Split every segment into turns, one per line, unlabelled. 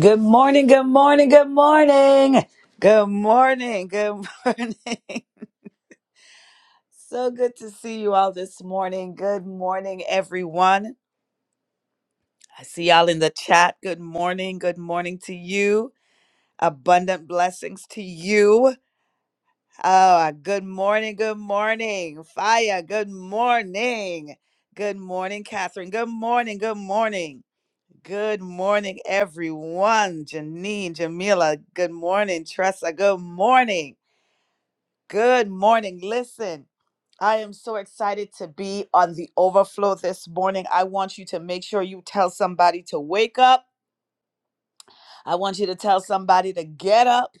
Good morning, good morning, good morning. Good morning, good morning. so good to see you all this morning. Good morning, everyone. I see y'all in the chat. Good morning, good morning to you. Abundant blessings to you. Oh, good morning, good morning. Fire, good morning. Good morning, Catherine. Good morning, good morning. Good morning, everyone. Janine, Jamila, good morning. Tressa, good morning. Good morning. Listen, I am so excited to be on the overflow this morning. I want you to make sure you tell somebody to wake up. I want you to tell somebody to get up.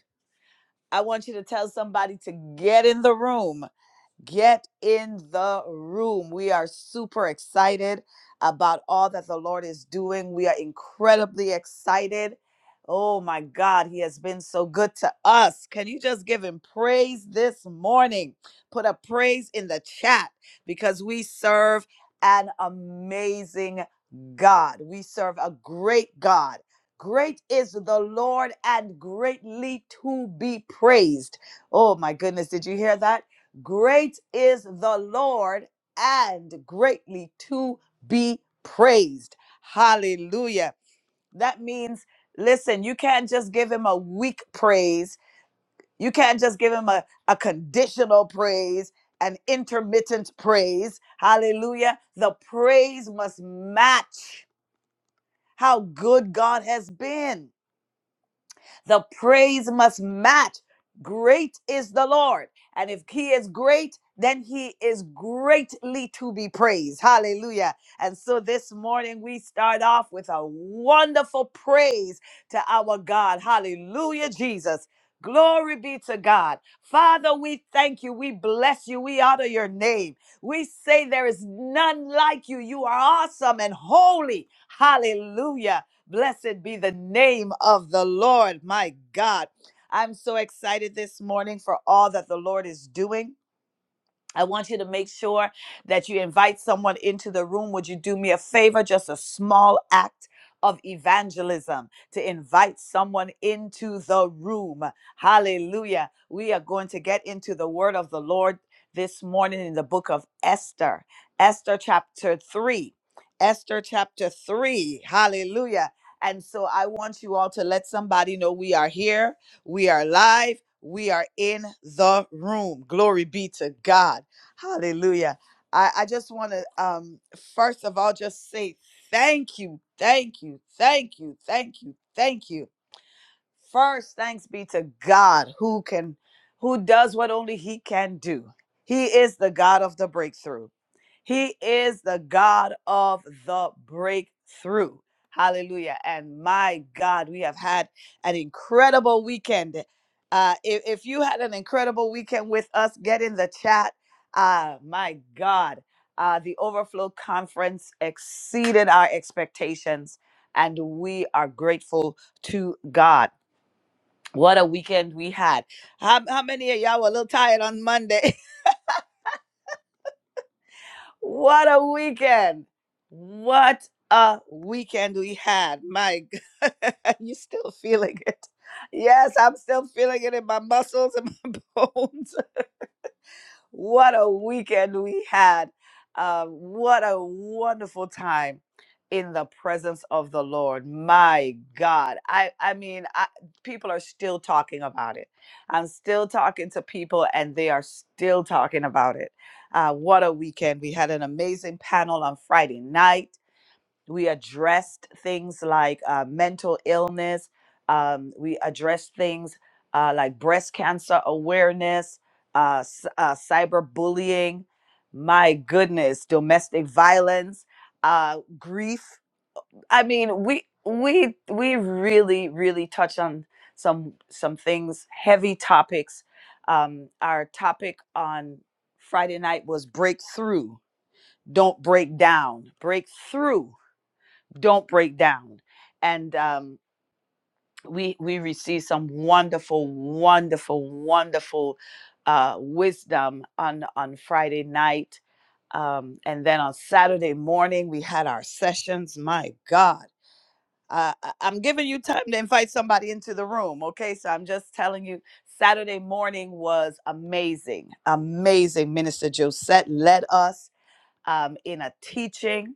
I want you to tell somebody to get in the room. Get in the room. We are super excited about all that the Lord is doing. We are incredibly excited. Oh my God, He has been so good to us. Can you just give Him praise this morning? Put a praise in the chat because we serve an amazing God. We serve a great God. Great is the Lord and greatly to be praised. Oh my goodness, did you hear that? Great is the Lord and greatly to be praised. Hallelujah. That means, listen, you can't just give him a weak praise. You can't just give him a, a conditional praise, an intermittent praise. Hallelujah. The praise must match how good God has been. The praise must match. Great is the Lord. And if he is great, then he is greatly to be praised. Hallelujah. And so this morning we start off with a wonderful praise to our God. Hallelujah, Jesus. Glory be to God. Father, we thank you. We bless you. We honor your name. We say there is none like you. You are awesome and holy. Hallelujah. Blessed be the name of the Lord, my God. I'm so excited this morning for all that the Lord is doing. I want you to make sure that you invite someone into the room. Would you do me a favor? Just a small act of evangelism to invite someone into the room. Hallelujah. We are going to get into the word of the Lord this morning in the book of Esther, Esther chapter 3. Esther chapter 3. Hallelujah. And so I want you all to let somebody know we are here, we are live, we are in the room. Glory be to God. Hallelujah. I, I just want to, um, first of all, just say thank you, thank you, thank you, thank you, thank you. First, thanks be to God who can who does what only he can do. He is the God of the breakthrough. He is the God of the breakthrough. Hallelujah. And my God, we have had an incredible weekend. Uh, if, if you had an incredible weekend with us, get in the chat. Uh, my God, uh, the Overflow Conference exceeded our expectations, and we are grateful to God. What a weekend we had. How, how many of y'all were a little tired on Monday? what a weekend. What a weekend we had. My God. you still feeling it. Yes, I'm still feeling it in my muscles and my bones. What a weekend we had. Um, what a wonderful time in the presence of the Lord. My God. I, I mean, I, people are still talking about it. I'm still talking to people, and they are still talking about it. Uh, what a weekend. We had an amazing panel on Friday night we addressed things like uh, mental illness um, we addressed things uh, like breast cancer awareness uh, c- uh, cyberbullying my goodness domestic violence uh, grief i mean we we we really really touched on some some things heavy topics um, our topic on friday night was breakthrough don't break down breakthrough don't break down. And um, we we received some wonderful, wonderful, wonderful uh, wisdom on on Friday night, um, and then on Saturday morning we had our sessions. My God. Uh, I- I'm giving you time to invite somebody into the room, okay? So I'm just telling you, Saturday morning was amazing, amazing. Minister Josette led us um, in a teaching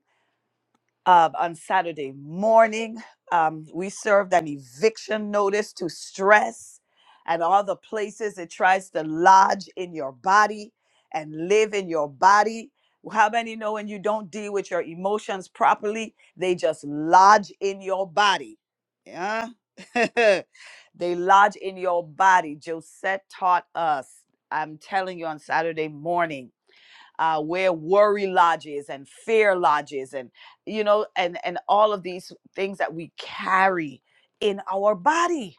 uh, on Saturday morning. Um, we served an eviction notice to stress and all the places it tries to lodge in your body and live in your body. How many know when you don't deal with your emotions properly, they just lodge in your body? Yeah. they lodge in your body. Josette taught us. I'm telling you on Saturday morning uh, where worry lodges and fear lodges and you know and and all of these things that we carry in our body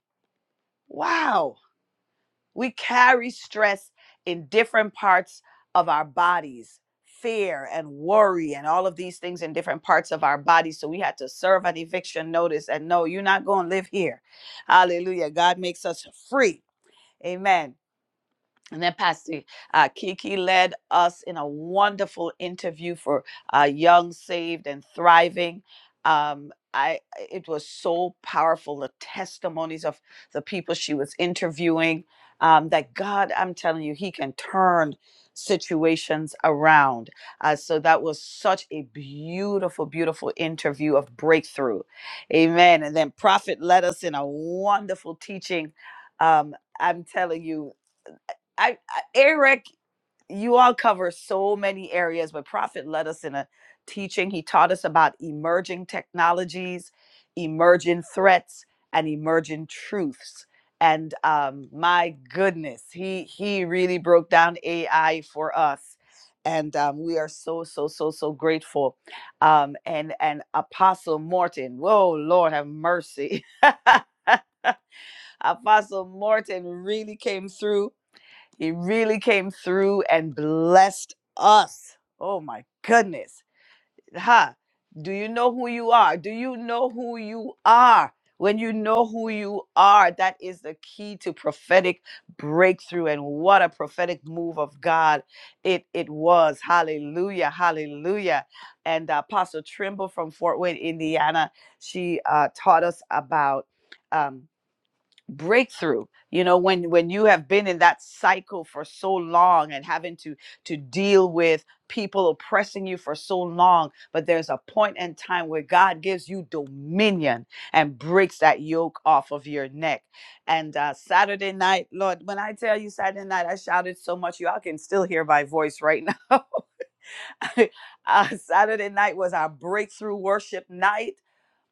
wow we carry stress in different parts of our bodies fear and worry and all of these things in different parts of our bodies so we had to serve an eviction notice and no you're not going to live here hallelujah god makes us free amen and then Pastor uh, Kiki led us in a wonderful interview for uh, Young, Saved, and Thriving. Um, I it was so powerful the testimonies of the people she was interviewing. Um, that God, I'm telling you, He can turn situations around. Uh, so that was such a beautiful, beautiful interview of breakthrough, Amen. And then Prophet led us in a wonderful teaching. Um, I'm telling you. I, I Eric, you all cover so many areas, but Prophet led us in a teaching. He taught us about emerging technologies, emerging threats, and emerging truths. And um, my goodness, he he really broke down AI for us, and um, we are so so so so grateful. Um, and and Apostle Morton, whoa Lord have mercy. Apostle Morton really came through he really came through and blessed us. Oh my goodness. Ha. Do you know who you are? Do you know who you are? When you know who you are, that is the key to prophetic breakthrough. And what a prophetic move of God it, it was. Hallelujah. Hallelujah. And uh, Apostle Trimble from Fort Wayne, Indiana, she uh, taught us about. um, breakthrough you know when when you have been in that cycle for so long and having to to deal with people oppressing you for so long but there's a point in time where god gives you dominion and breaks that yoke off of your neck and uh saturday night lord when i tell you saturday night i shouted so much y'all can still hear my voice right now uh, saturday night was our breakthrough worship night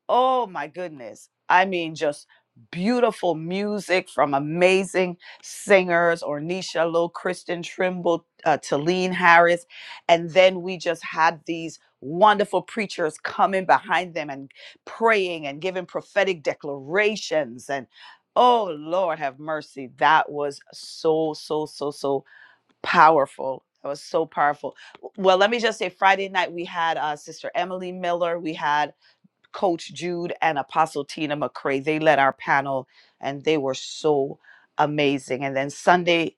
Oh my goodness. I mean, just beautiful music from amazing singers, Ornisha Low, Kristen Trimble, uh, Talene Harris. And then we just had these wonderful preachers coming behind them and praying and giving prophetic declarations. And oh, Lord, have mercy. That was so, so, so, so powerful. That was so powerful. Well, let me just say Friday night we had uh, Sister Emily Miller. We had Coach Jude and Apostle Tina McCray. They led our panel and they were so amazing. And then Sunday,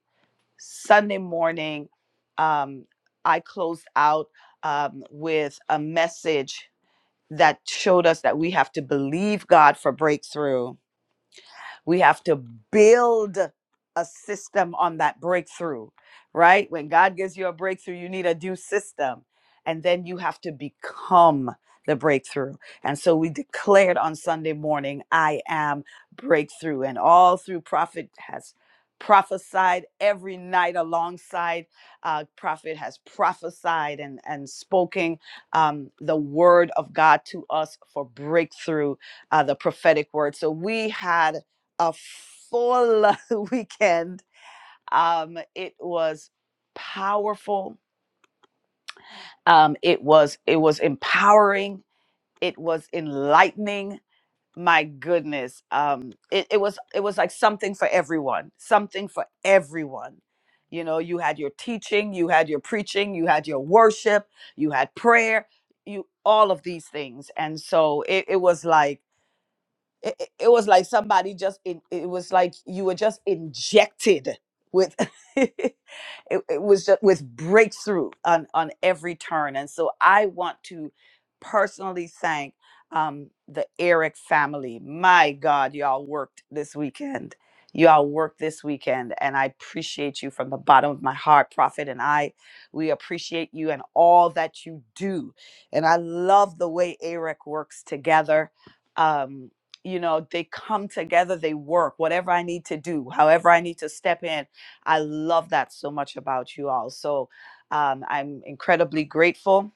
Sunday morning, um, I closed out um, with a message that showed us that we have to believe God for breakthrough we have to build a system on that breakthrough, right? When God gives you a breakthrough, you need a due system. And then you have to become the breakthrough. And so we declared on Sunday morning, I am breakthrough. And all through prophet has prophesied every night alongside uh, prophet has prophesied and, and spoken um, the word of God to us for breakthrough, uh, the prophetic word. So we had a full weekend. Um, it was powerful. Um, it was it was empowering. It was enlightening. My goodness, um, it, it was it was like something for everyone. Something for everyone. You know, you had your teaching, you had your preaching, you had your worship, you had prayer, you all of these things, and so it, it was like. it, it it was like somebody just in, it was like you were just injected with it, it was just with breakthrough on on every turn and so i want to personally thank um the eric family my god y'all worked this weekend y'all worked this weekend and i appreciate you from the bottom of my heart prophet and i we appreciate you and all that you do and i love the way eric works together um you know they come together they work whatever i need to do however i need to step in i love that so much about you all so um, i'm incredibly grateful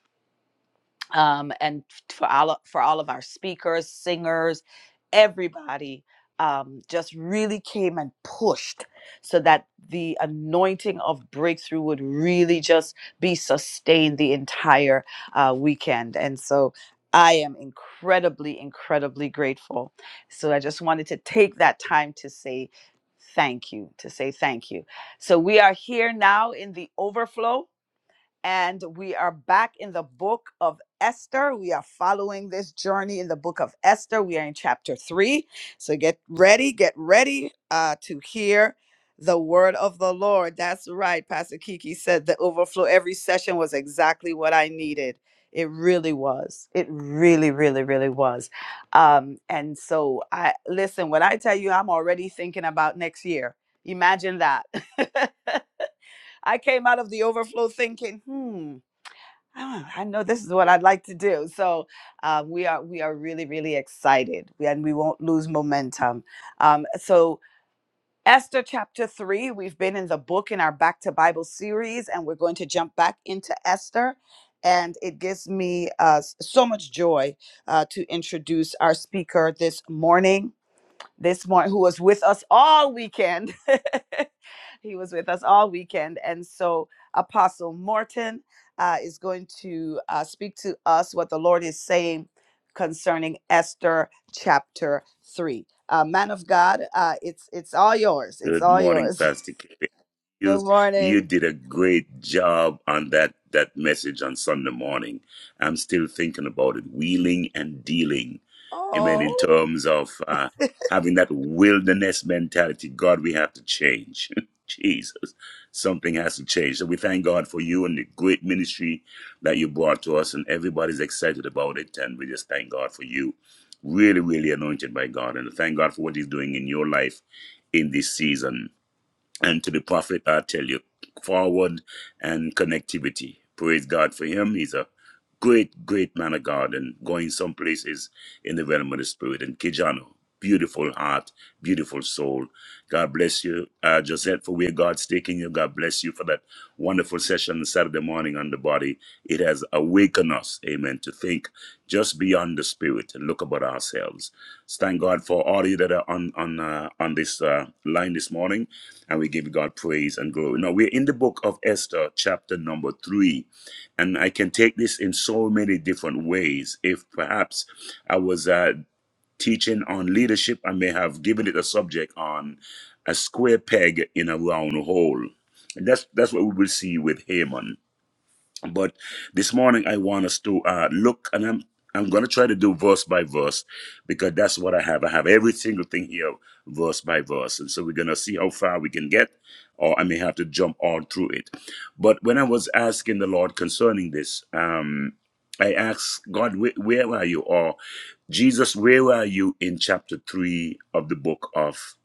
um, and for all for all of our speakers, singers, everybody um, just really came and pushed so that the anointing of breakthrough would really just be sustained the entire uh, weekend, and so. I am incredibly, incredibly grateful. So I just wanted to take that time to say thank you, to say thank you. So we are here now in the overflow and we are back in the book of Esther. We are following this journey in the book of Esther. We are in chapter three. So get ready, get ready uh, to hear the word of the Lord. That's right. Pastor Kiki said the overflow every session was exactly what I needed. It really was. It really, really, really was. Um, and so I listen, when I tell you I'm already thinking about next year, imagine that. I came out of the overflow thinking, hmm. "Ah, I know this is what I'd like to do. So um, we are we are really really excited, and we won't lose momentum. Um, so Esther chapter three, we've been in the book in our Back to Bible series, and we're going to jump back into Esther. And it gives me uh, s- so much joy uh, to introduce our speaker this morning this morning who was with us all weekend. he was with us all weekend. And so Apostle Morton uh, is going to uh, speak to us what the Lord is saying concerning Esther chapter 3. Uh, man of God, uh, it's it's all yours. It's
Good
all
morning,
yours.
Pastor K you
Good
you
morning.
did a great job on that that message on Sunday morning. I'm still thinking about it, wheeling and dealing. Amen. In
Oh.
terms of uh, having that wilderness mentality, God, we have to change. Jesus, something has to change. So we thank God for you and the great ministry that you brought to us, and everybody's excited about it. And we just thank God for you. Really, really anointed by God, and thank God for what He's doing in your life in this season. And to the prophet, I tell you, forward and connectivity. Praise God for him. He's a great, great man of God and going some places in the realm of the spirit. And Kijano, beautiful heart, beautiful soul. God bless you, uh, Josette, for where God's taking you. God bless you for that wonderful session Saturday morning on the body. It has awakened us, amen, to think just beyond the spirit and look about ourselves. Thank God for all you that are on on uh, on this uh, line this morning and we give God praise and glory. Now we're in the book of Esther, chapter number three, and I can take this in so many different ways. If perhaps I was uh, teaching on leadership, I may have given it a subject on a square peg in a round hole. And that's that's what we will see with Haman. But this morning I want us to uh, look, and I'm I'm gonna try to do verse by verse because that's what I have. I have every single thing here, verse by verse, and so we're gonna see how far we can get, or I may have to jump on through it. But when I was asking the Lord concerning this, um, I asked God, where, where are you, or Jesus, where are you in chapter three of the book of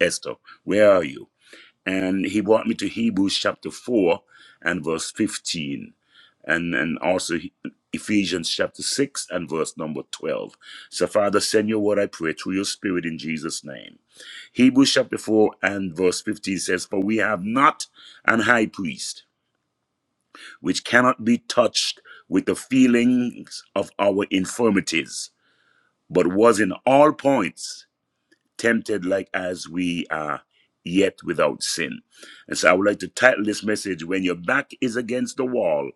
Esther? Where are you? and he brought me to Hebrews chapter 4 and verse 15 and and also Ephesians chapter 6 and verse number 12. So Father send your word I pray through your spirit in Jesus name. Hebrews chapter 4 and verse 15 says for we have not an high priest which cannot be touched with the feelings of our infirmities but was in all points tempted like as we are yet without sin. And so I would like to title this message When Your Back is Against the Wall,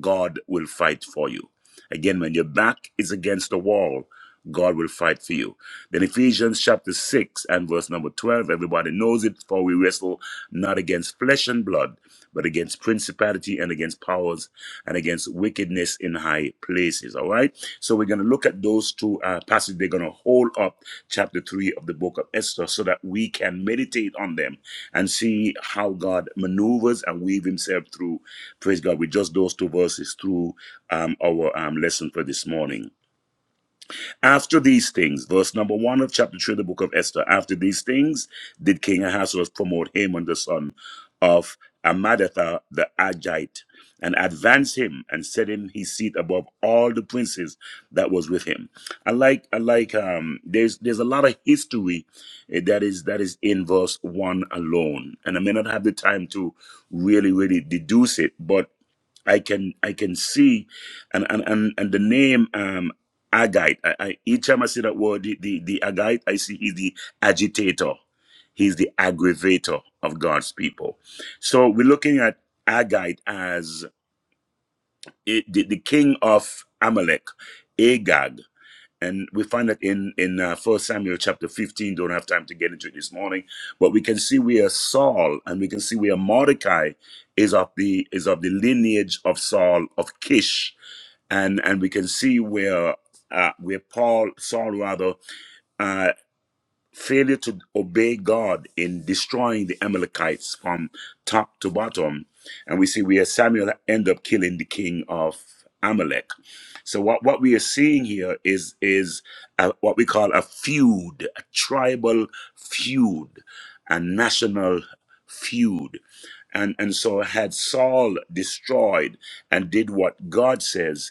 God Will Fight for You. Again, when your back is against the wall, God will fight for you. Then Ephesians chapter 6 and verse number 12, everybody knows it, for we wrestle not against flesh and blood, but against principality and against powers and against wickedness in high places. All right? So we're going to look at those two uh, passages. They're going to hold up chapter 3 of the book of Esther, so that we can meditate on them and see how God maneuvers and weave himself through, praise God, with just those two verses through um, our um, lesson for this morning. After these things, verse number one of chapter three of the book of Esther, after these things did King Ahasuerus promote Haman, the son of Amadatha the Agite, and advance him and set him his seat above all the princes that was with him. I like, I like, um, there's, there's a lot of history eh, that is, that is in verse one alone. And I may not have the time to really, really deduce it, but I can I can see, and and and, and the name um, agite. I, I, each time I say that word, the, the, the agite, I see he's the agitator. He's the aggravator of God's people. So we're looking at agite as it, the, the king of Amalek, Agag and we find that in in uh, First Samuel chapter fifteen. Don't have time to get into it this morning, but we can see where Saul and we can see where Mordecai is of the is of the lineage of Saul of Kish, and and we can see where uh, where Paul Saul rather uh, failure to obey God in destroying the Amalekites from top to bottom. And we see where Samuel end up killing the king of Amalek. So what, what we are seeing here is is a, what we call a feud, a tribal feud, a national feud. And, and so had Saul destroyed and did what God says,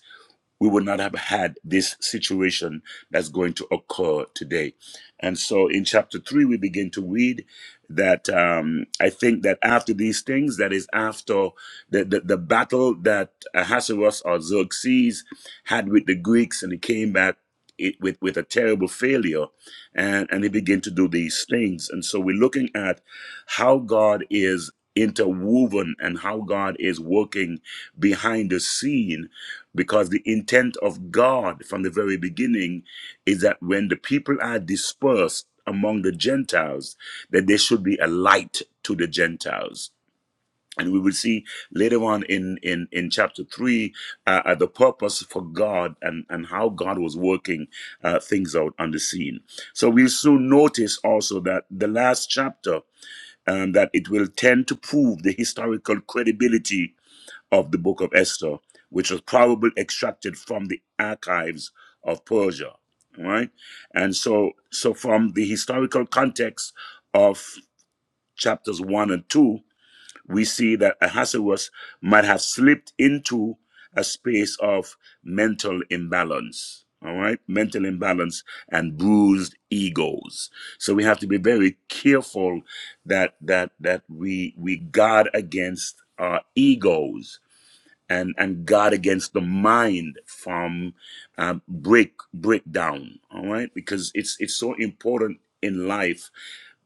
we would not have had this situation that's going to occur today. And so in chapter three, we begin to read that um, I think that after these things, that is after the, the, the battle that Ahasuerus or Xerxes had with the Greeks, and he came back it, with, with a terrible failure, and, and he began to do these things. And so we're looking at how God is interwoven and how God is working behind the scene because the intent of God from the very beginning is that when the people are dispersed among the Gentiles, that they should be a light to the Gentiles. And we will see later on in, in, in chapter 3 uh, uh, the purpose for God and, and how God was working uh, things out on the scene. So we'll soon notice also that the last chapter, um, that it will tend to prove the historical credibility of the book of Esther, which was probably extracted from the archives of Persia, right? And so, so from the historical context of chapters one and two, we see that Ahasuerus might have slipped into a space of mental imbalance. All right, mental imbalance and bruised egos. So we have to be very careful that that that we we guard against our egos and and guard against the mind from uh, break breakdown. All right, because it's it's so important in life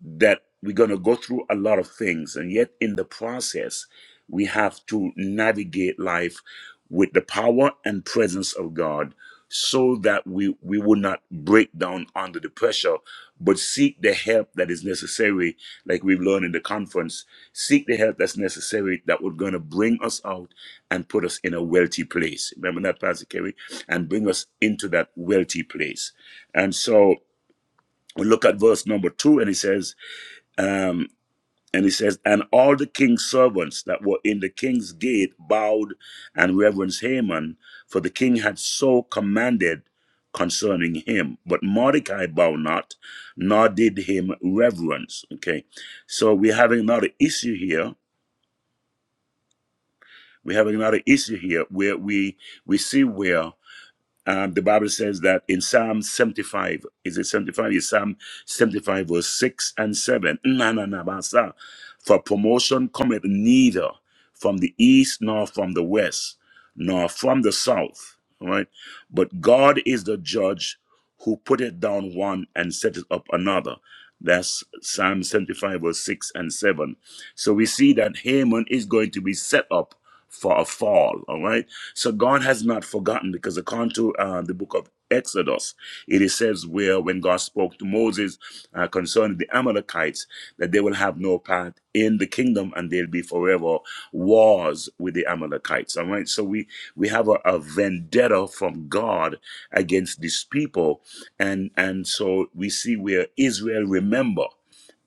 that we're going to go through a lot of things and yet in the process we have to navigate life with the power and presence of god so that we we will not break down under the pressure but seek the help that is necessary like we've learned in the conference seek the help that's necessary that we're going to bring us out and put us in a wealthy place remember that pastor kerry and bring us into that wealthy place and so we look at verse number two and it says um, and he says, And all the king's servants that were in the king's gate bowed and reverenced Haman, for the king had so commanded concerning him. But Mordecai bowed not, nor did him reverence. Okay. So we're having another issue here. We're having another issue here where we we see where Um, the Bible says that in Psalm 75, is it 75? It's Psalm 75, verse 6 and 7. Na, na, na, basa. For promotion cometh neither from the east, nor from the west, nor from the south. All right? But God is the judge who putteth down one and setteth up another. That's Psalm 75, verse 6 and 7. So we see that Haman is going to be set up for a fall. All right. So God has not forgotten because according to uh, the book of Exodus, it is says where when God spoke to Moses uh, concerning the Amalekites, that they will have no part in the kingdom and there'll be forever wars with the Amalekites. All right. So we, we have a, a vendetta from God against these people. And, and so we see where Israel remember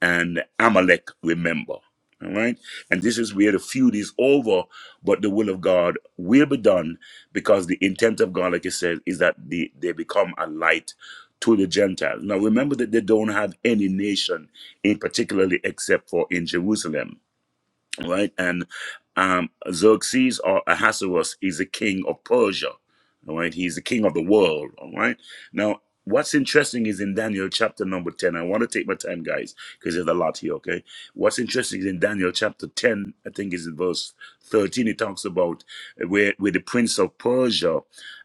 and Amalek remember. All right. And this is where the feud is over but the will of God will be done because the intent of God, like it says, is that they, they become a light to the Gentiles. Now remember that they don't have any nation in particularly except for in Jerusalem right? And um, Xerxes or Ahasuerus is the king of Persia, all right? He's the king of the world, all right? Now, what's interesting is in Daniel chapter number 10, I want to take my time, guys, because there's a lot here, okay? What's interesting is in Daniel chapter 10, I think is in verse 13, it talks about where, where the prince of Persia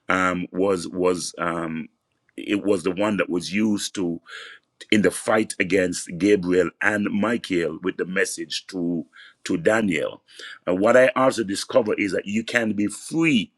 um, was, was, um, it was the one that was used to in the fight against Gabriel and Michael with the message to to Daniel. And what I also discover is that you can be free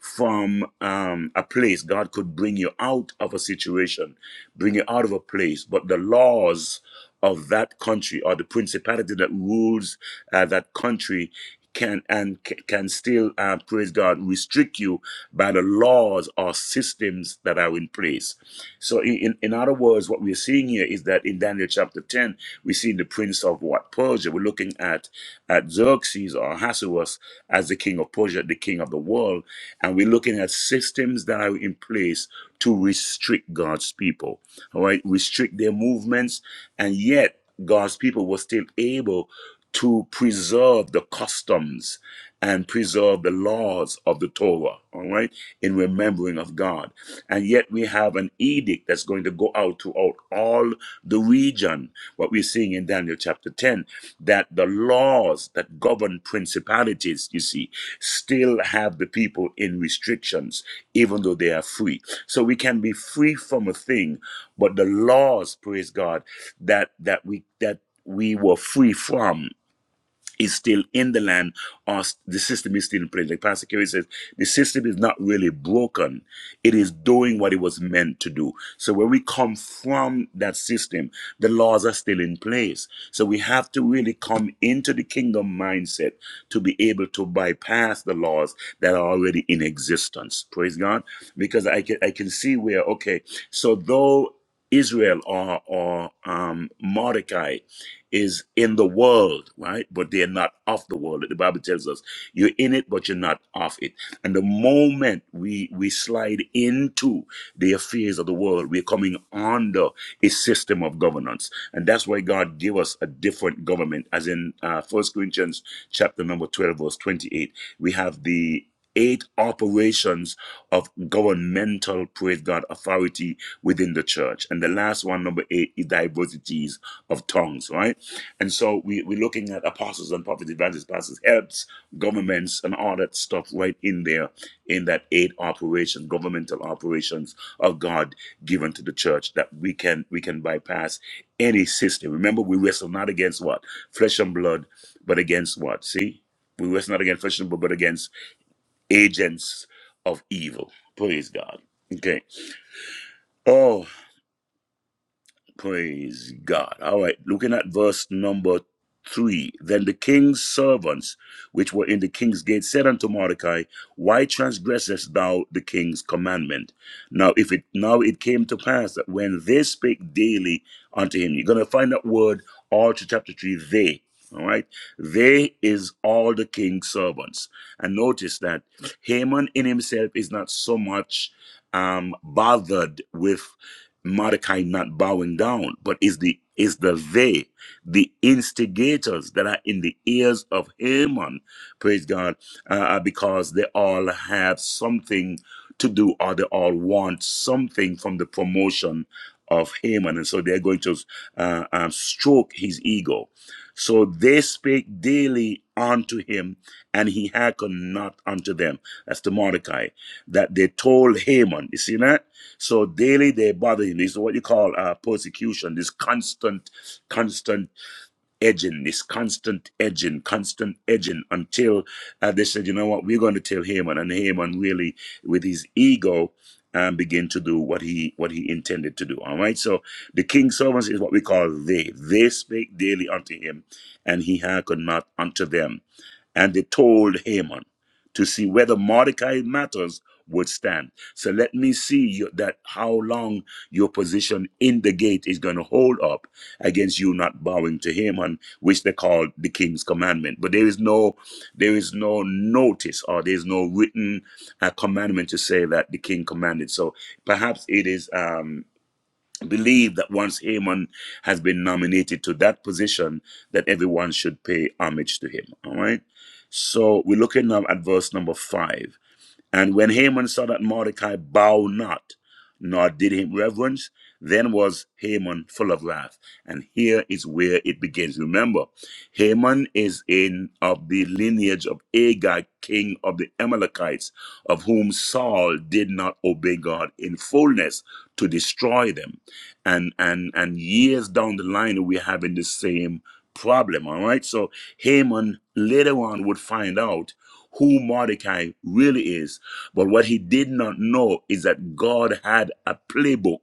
from um, a place. God could bring you out of a situation, bring you out of a place, but the laws of that country or the principality that rules uh, that country can and can still uh, praise God restrict you by the laws or systems that are in place. So, in, in other words, what we're seeing here is that in Daniel chapter 10, we see the prince of what? Persia. We're looking at, at Xerxes or Ahasuerus as the king of Persia, the king of the world. And we're looking at systems that are in place to restrict God's people, all right? Restrict their movements. And yet, God's people were still able to preserve the customs and preserve the laws of the Torah, all right, in remembering of God. And yet we have an edict that's going to go out throughout all the region. What we're seeing in Daniel chapter 10, that the laws that govern principalities, you see, still have the people in restrictions, even though they are free. So we can be free from a thing, but the laws, praise God, that that we that we were free from is still in the land or the system is still in place. Like Pastor Kerry says, the system is not really broken. It is doing what it was meant to do. So when we come from that system, the laws are still in place. So we have to really come into the kingdom mindset to be able to bypass the laws that are already in existence. Praise God. Because I can I can see where, okay, so though Israel or or um, Mordecai is in the world, right? But they're not of the world. The Bible tells us you're in it, but you're not of it. And the moment we we slide into the affairs of the world, we're coming under a system of governance, and that's why God gave us a different government. As in uh, First Corinthians chapter number twelve, verse twenty-eight, we have the eight operations of governmental, praise God, authority within the church. And the last one, number eight, is diversities of tongues, right? And so we, we're looking at apostles and prophets, evangelists, pastors, helps, governments, and all that stuff right in there in that eight operation, governmental operations of God given to the church that we can we can bypass any system. Remember, we wrestle not against what? Flesh and blood, but against what? See? We wrestle not against flesh and blood, but against agents of evil. Praise God. Okay. Oh, Praise God. All right, looking at verse number three. Then the king's servants, which were in the king's gate, said unto Mordecai, Why transgressest thou the king's commandment? Now, if it now it came to pass that when they spake daily unto him, you're gonna find that word all to chapter three, they. All right, they is all the king's servants, and notice that Haman in himself is not so much um, bothered with Mordecai not bowing down, but is the is the they, the instigators that are in the ears of Haman, praise God, uh, uh, because they all have something to do or they all want something from the promotion of Haman, and so they're going to uh, um, stroke his ego. So they spake daily unto him, and he hearkened not unto them. That's to Mordecai that they told Haman. You see that? So daily they bother him. This is what you call uh, persecution. This constant, constant edging. This constant edging, constant edging, until uh, they said, you know what, we're going to tell Haman, and Haman really, with his ego, um, begin to do what he what he intended to do. All right. So the king's servants is what we call they. They spake daily unto him, and he hearkened not unto them. And they told Haman to see whether Mordecai matters would stand. So let me see you, that how long your position in the gate is going to hold up against you not bowing to him, and which they call the king's commandment. But there is no, there is no notice or there is no written uh, commandment to say that the king commanded. So perhaps it is. Um, believe that once Haman has been nominated to that position, that everyone should pay homage to him. All right. So we're looking now at verse number five. And when Haman saw that Mordecai bowed not, nor did him reverence, then was Haman full of wrath. And here is where it begins. Remember, Haman is in of the lineage of Agag, king of the Amalekites, of whom Saul did not obey God in fullness to destroy them. And and and years down the line, we're having the same problem. All right. So Haman later on would find out who Mordecai really is but what he did not know is that God had a playbook.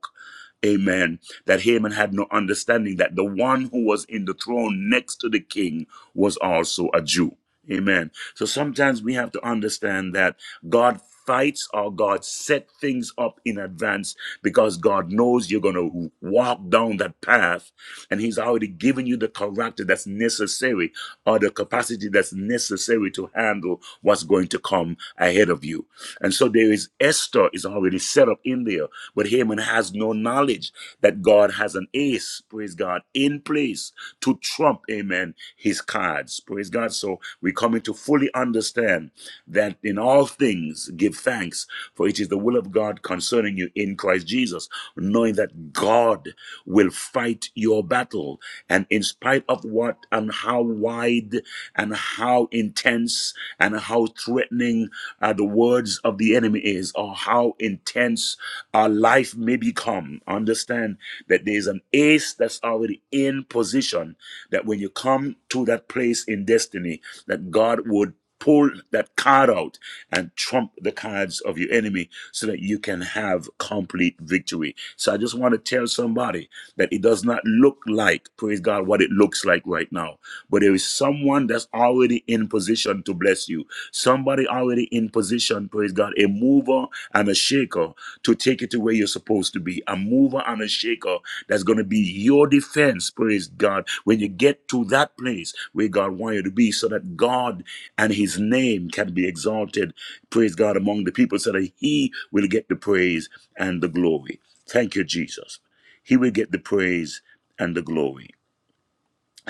Amen. That Haman had no understanding that the one who was in the throne next to the king was also a Jew. Amen. So sometimes we have to understand that God fights or God set things up in advance because God knows you're going to walk down that path and He's already given you the character that's necessary or the capacity that's necessary to handle what's going to come ahead of you. And so there is Esther is already set up in there, but Haman has no knowledge that God has an ace, praise God, in place to trump, amen, his cards. Praise God. So we come to fully understand that in all things give thanks, for it is the will of God concerning you in Christ Jesus, knowing that God will fight your battle. And in spite of what and how wide and how intense and how threatening uh, the words of the enemy is, or how intense our life may become, understand that there is an ace that's already in position, that when you come to that place in destiny, that God would pull that card out and trump the cards of your enemy so that you can have complete victory. So I just want to tell somebody that it does not look like, praise God, what it looks like right now. But there is someone that's already in position to bless you. Somebody already in position, praise God, a mover and a shaker to take it to where you're supposed to be. A mover and a shaker that's going to be your defense, praise God, when you get to that place where God wants you to be, so that God and his name can be exalted, praise God, among the people, so that he will get the praise and the glory. Thank you, Jesus. He will get the praise and the glory.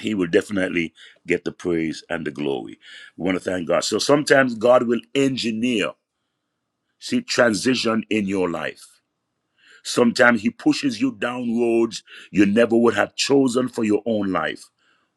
He will definitely get the praise and the glory. We want to thank God. So sometimes God will engineer, see, transition in your life. Sometimes he pushes you down roads you never would have chosen for your own life.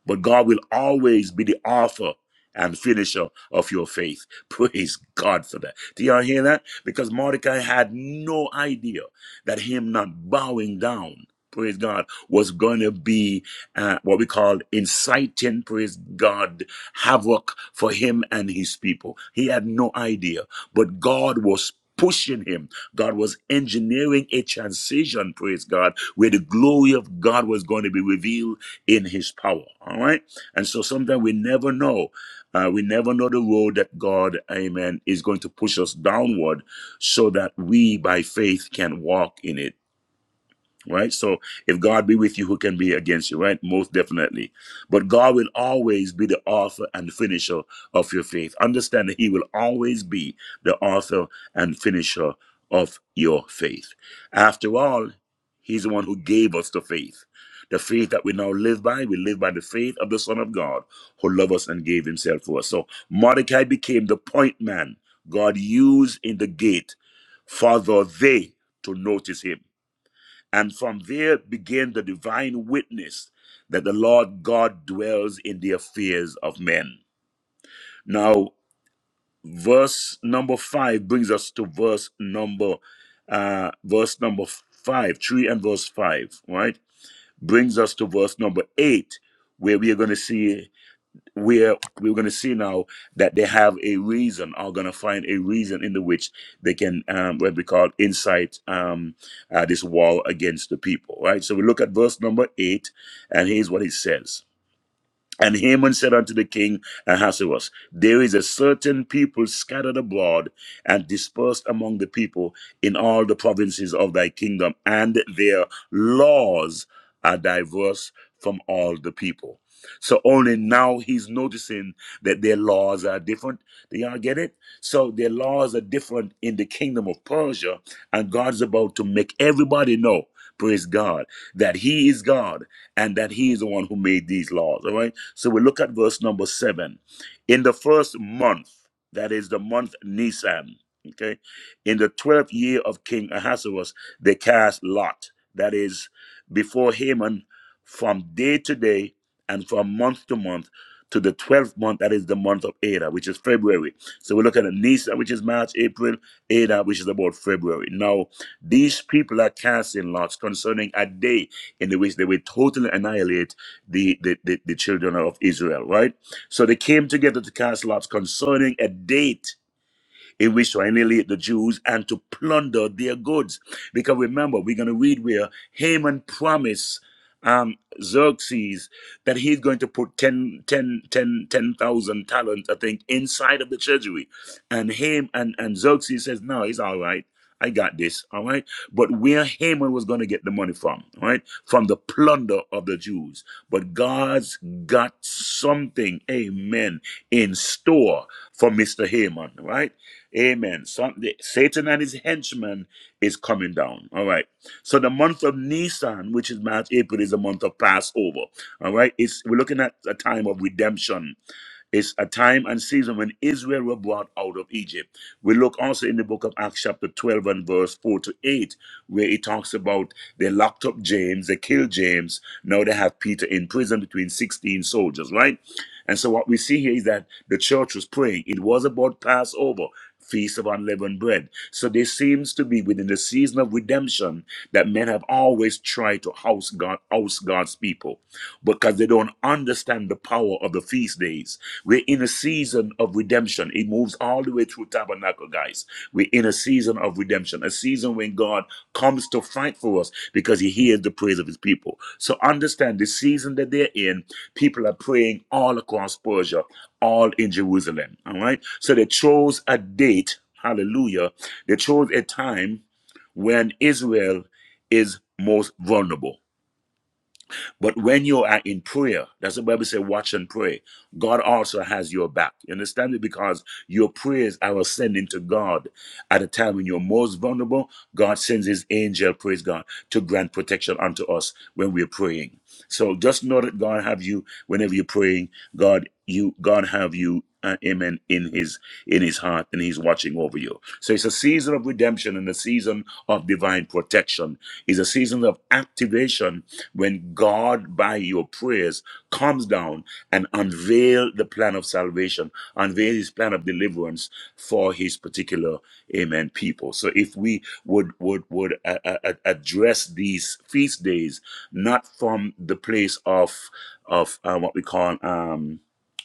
But God will always be the author and finisher of your faith. Praise God for that. Do y'all hear that? Because Mordecai had no idea that him not bowing down, praise God, was going to be uh, what we call inciting, praise God, havoc for him and his people. He had no idea. But God was pushing him. God was engineering a transition, praise God, where the glory of God was going to be revealed in his power. All right. And so sometimes we never know. Uh, we never know the road that God, amen, is going to push us downward so that we by faith can walk in it right? So if God be with you, who can be against you, right? Most definitely. But God will always be the author and finisher of your faith. Understand that He will always be the author and finisher of your faith. After all, He's the one who gave us the faith. The faith that we now live by, we live by the faith of the Son of God who loved us and gave himself for us. So Mordecai became the point man God used in the gate for the they to notice him. And from there began the divine witness that the Lord God dwells in the affairs of men. Now, verse number five brings us to verse number uh verse number five, three and verse five, right? Brings us to verse number eight, where we are gonna see where we're going to see now that they have a reason are going to find a reason in the which they can um, what we call incite um, uh, this war against the people right so we look at verse number eight and here's what it says and Haman said unto the king Ahasuerus, There is a certain people scattered abroad and dispersed among the people in all the provinces of thy kingdom, and their laws are diverse from all the people. So only now he's noticing that their laws are different. Do y'all get it? So their laws are different in the kingdom of Persia, and God's about to make everybody know, praise God, that he is God and that he is the one who made these laws. All right. So we look at verse number seven. In the first month, that is the month Nisan, okay, in the twelfth year of King Ahasuerus, they cast lot. That is before Haman, from day to day and from month to month. To the 12th month, that is the month of Adar, which is February. So we look at Nisan, which is March, April, Adar, which is about February. Now, these people are casting lots concerning a day in the which they will totally annihilate the, the, the, the children of Israel, right? So they came together to cast lots concerning a date he wished to annihilate the Jews and to plunder their goods. Because remember, we're going to read where Haman promised um, Xerxes that he's going to put 10 10,000 talents, I think, inside of the treasury. And Haman and, and Xerxes says, No, he's all right. I got this, all right. But where Haman was going to get the money from, all right, from the plunder of the Jews. But God's got something, amen, in store for Mr. Haman, right? Amen. Some, the, Satan and his henchmen is coming down. All right. So the month of Nisan, which is March, April, is a month of Passover. All right. It's we're looking at a time of redemption. It's a time and season when Israel were brought out of Egypt. We look also in the book of Acts, chapter 12, and verse 4 to 8 where it talks about they locked up James, they killed James, now they have Peter in prison between 16 soldiers, right? And so what we see here is that the church was praying. It was about Passover, Feast of Unleavened Bread. So there seems to be within the season of redemption that men have always tried to house God, house God's people because they don't understand the power of the feast days. We're in a season of redemption. It moves all the way through tabernacle, guys. We're in a season of redemption, a season when God comes to fight for us because he hears the praise of his people. So understand the season that they're in, people are praying all across Persia, all in Jerusalem. All right. So they chose a date, hallelujah. They chose a time when Israel is most vulnerable. But when you are in prayer, that's what the Bible says, watch and pray. God also has your back. You understand it? Because your prayers are ascending to God at a time when you're most vulnerable, God sends his angel, praise God, to grant protection unto us when we're praying. So just know that God have you whenever you're praying. God, you, God have you, uh, amen, in his, in his heart and he's watching over you. So it's a season of redemption and a season of divine protection. It's a season of activation when God, by your prayers, comes down and unveil the plan of salvation, unveil his plan of deliverance for his particular amen people so if we would would would uh, uh, uh, address these feast days not from the place of of uh, what we call um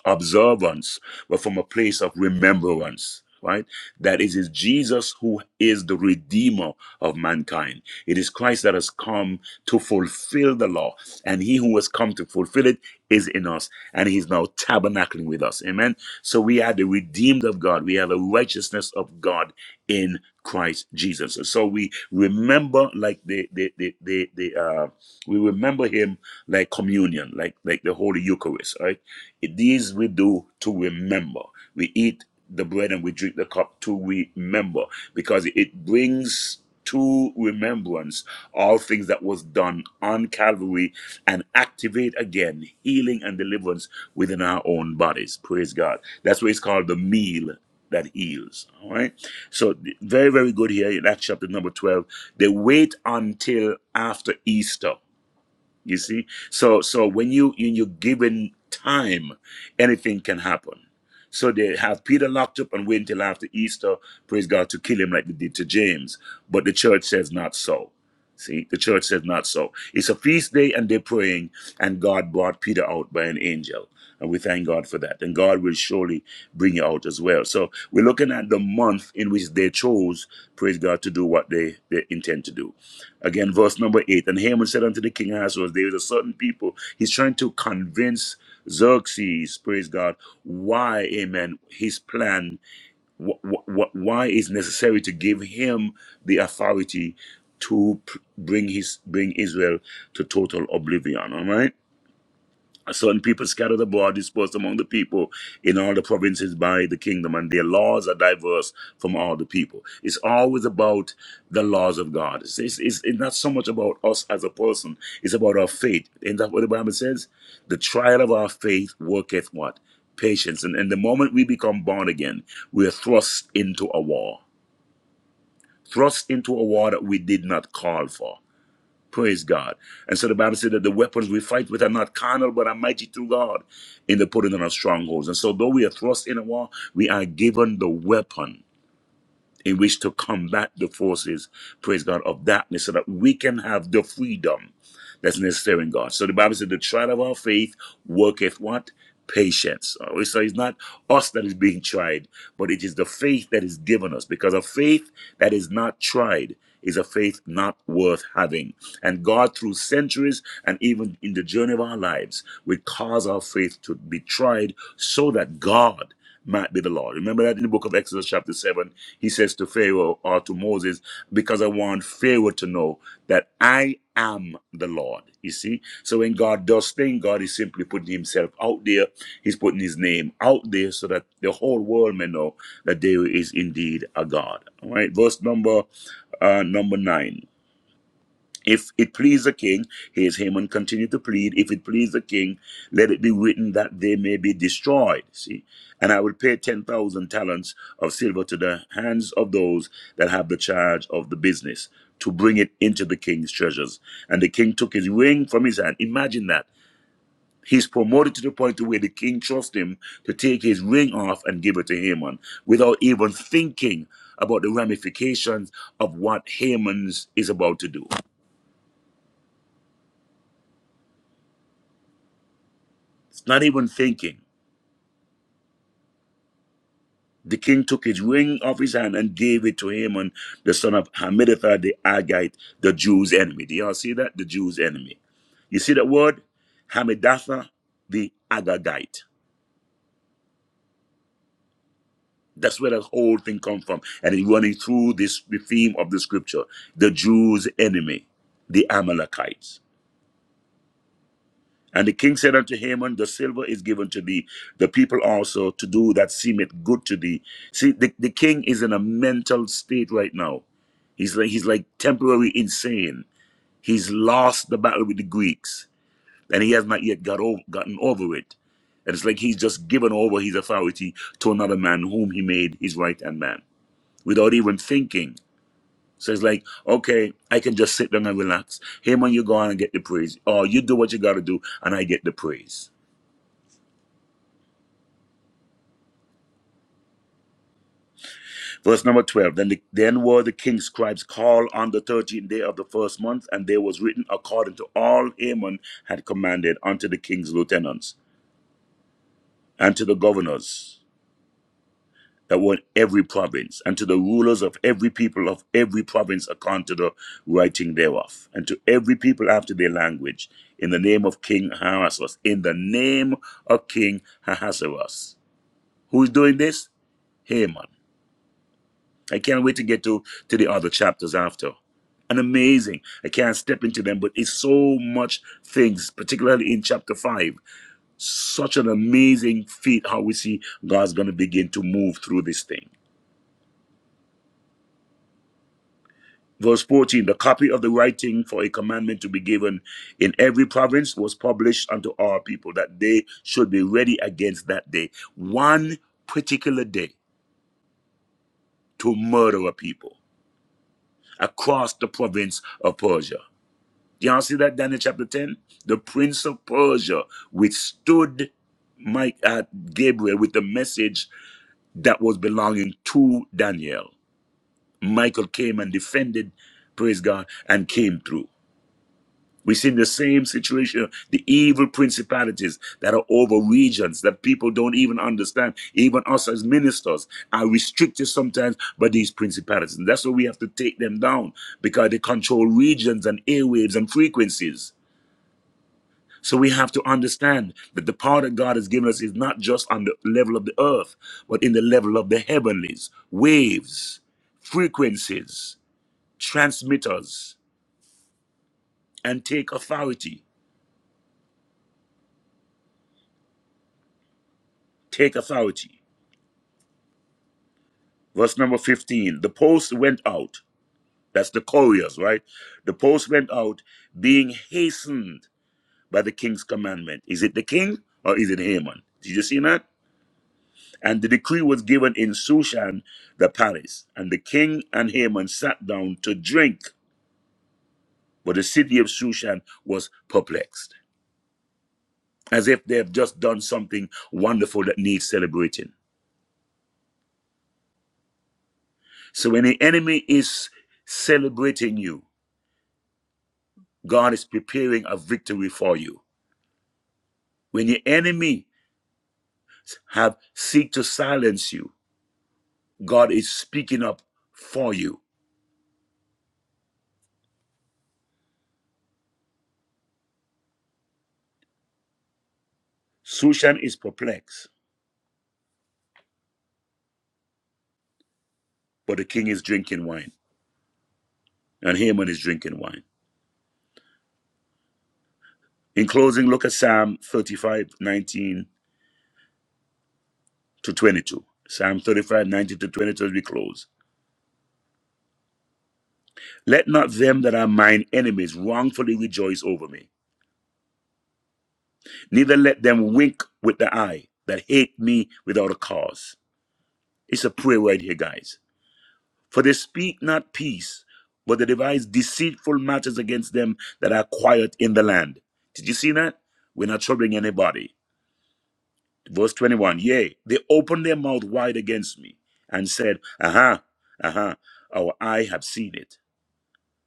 observance but from a place of remembrance right that it is jesus who is the redeemer of mankind it is christ that has come to fulfill the law and he who has come to fulfill it is in us and he's now tabernacling with us amen so we are the redeemed of god we are the righteousness of god in Christ Jesus. And so we remember like the the the the, the uh we remember him like communion, like like the Holy Eucharist, right? These we do to remember. We eat the bread and we drink the cup to remember because it brings to remembrance all things that was done on Calvary and activate again healing and deliverance within our own bodies. Praise God. That's why it's called the meal that heals. All right. So very, very good here in Acts chapter number 12. They wait until after Easter you see, so so when you when you given time, anything can happen. So they have Peter locked up and wait until after Easter, praise God, to kill him like they did to James. But the church says not so. See, the church says not so. It's a feast day and they're praying, and God brought Peter out by an angel. And we thank God for that. And God will surely bring you out as well. So we're looking at the month in which they chose, praise God, to do what they, they intend to do. Again, verse number eight. And Haman said unto the king Ahasuerus, There is a certain people. He's trying to convince Xerxes, praise God, why, amen, his plan, wh- wh- why it's necessary to give him the authority to p- bring his bring Israel to total oblivion. All right. Certain people scatter abroad, dispersed among the people in all the provinces by the kingdom, and their laws are diverse from all the people. It's always about the laws of God. It's, it's, it's it's not so much about us as a person, it's about our faith. Isn't that what the Bible says? The trial of our faith worketh what? Patience. And, and the moment we become born again, we are thrust into a war, thrust into a war that we did not call for. Praise God. And so the Bible said that the weapons we fight with are not carnal, but are mighty through God in the putting on of strongholds. And so though we are thrust in a war, we are given the weapon in which to combat the forces, praise God, of darkness so that we can have the freedom that's necessary in God. So the Bible said, the trial of our faith worketh what? Patience. All right, So it's not us that is being tried, but it is the faith that is given us because a faith that is not tried is a faith not worth having. And God, through centuries and even in the journey of our lives, will cause our faith to be tried so that God might be the Lord. Remember that in the book of Exodus, chapter 7, he says to Pharaoh or to Moses, Because I want Pharaoh to know that I am the Lord. You see? So when God does things, God is simply putting himself out there. He's putting his name out there so that the whole world may know that there is indeed a God. All right, verse number uh, number nine. If it please the king, here's Haman continue to plead. If it please the king, let it be written that they may be destroyed. See, and I will pay 10,000 talents of silver to the hands of those that have the charge of the business to bring it into the king's treasures. And the king took his ring from his hand. Imagine that. He's promoted to the point to where the king trusts him to take his ring off and give it to Haman without even thinking about the ramifications of what Haman's is about to do. It's not even thinking. The king took his ring off his hand and gave it to Haman, the son of Hammedatha the Agite, the Jew's enemy. Do y'all see that? The Jew's enemy. You see that word? Hammedatha the Agagite. That's where the whole thing comes from. And it's running through this the theme of the scripture. The Jew's enemy, the Amalekites. And the king said unto Haman, The silver is given to thee, the people also to do that seemeth good to thee. See, the, the king is in a mental state right now. He's like he's like temporarily insane. He's lost the battle with the Greeks, and he has not yet got over, gotten over it. And it's like he's just given over his authority to another man whom he made his right hand man without even thinking. So it's like, okay, I can just sit down and relax. Haman, you go on and get the praise. Or you do what you gotta do, and I get the praise. Verse number 12 Then, the, then were the king's scribes called on the 13th day of the first month, and there was written according to all Haman had commanded unto the king's lieutenants, and to the governors that were in every province, and to the rulers of every people of every province according to the writing thereof, and to every people after their language, in the name of King Ahasuerus, in the name of King Ahasuerus. Who's doing this? Haman. I can't wait to get to to the other chapters after. And amazing. I can't step into them, but it's so much things, particularly in chapter five. Such an amazing feat how we see God's going to begin to move through this thing. Verse 14 The copy of the writing for a commandment to be given in every province was published unto our people, that they should be ready against that day. One particular day to murder a people across the province of Persia. Do Y'all see that Daniel chapter 10? The prince of Persia withstood Mike uh, Gabriel with the message that was belonging to Daniel. Michael came and defended, praise God, and came through. We see the same situation, the evil principalities that are over regions that people don't even understand. Even us as ministers are restricted sometimes by these principalities. And that's why we have to take them down because they control regions and airwaves and frequencies. So we have to understand that the power that God has given us is not just on the level of the earth, but in the level of the heavenlies, waves, frequencies, transmitters, and take authority. Take authority. Verse number 15 The post went out. That's the couriers, right? The post went out being hastened by the king's commandment. Is it the king or is it Haman? Did you see that? And the decree was given in Sushan, the palace. And the king and Haman sat down to drink. But the city of Sushan was perplexed, as if they have just done something wonderful that needs celebrating. So when the enemy is celebrating you, God is preparing a victory for you. When your enemy have seek to silence you, God is speaking up for you. Sushan is perplexed, but the king is drinking wine, and Haman is drinking wine. In closing, look at Psalm 35 19 to 22. Psalm 35 19 to 22 as we close. Let not them that are mine enemies wrongfully rejoice over me, neither let them wink with the eye that hate me without a cause. It's a prayer right here, guys. For they speak not peace, but they devise deceitful matters against them that are quiet in the land. Did you see that? We're not troubling anybody. verse 21 yea they opened their mouth wide against me and said aha aha our eye have seen it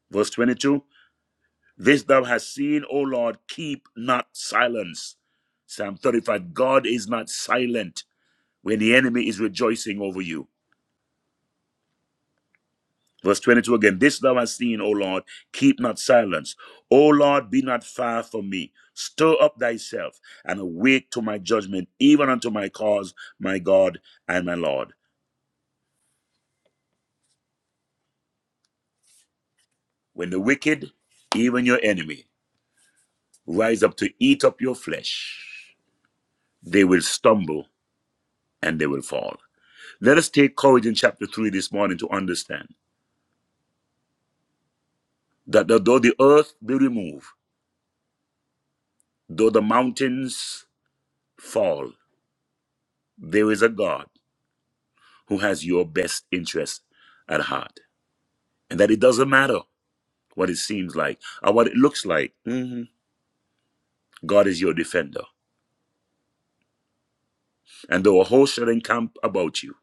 verse 22 this thou hast seen o lord keep not silence psalm 35 god is not silent when the enemy is rejoicing over you verse 22 again this thou hast seen o lord keep not silence o lord be not far from me stir up thyself and awake to my judgment even unto my cause my god and my lord When the wicked, even your enemy, rise up to eat up your flesh, they will stumble and they will fall. Let us take courage in chapter 3 this morning to understand that though the earth be removed, though the mountains fall, there is a God who has your best interest at heart. And that it doesn't matter what it seems like or what it looks like, Mhm. God is your defender. And though a host shall encamp about you,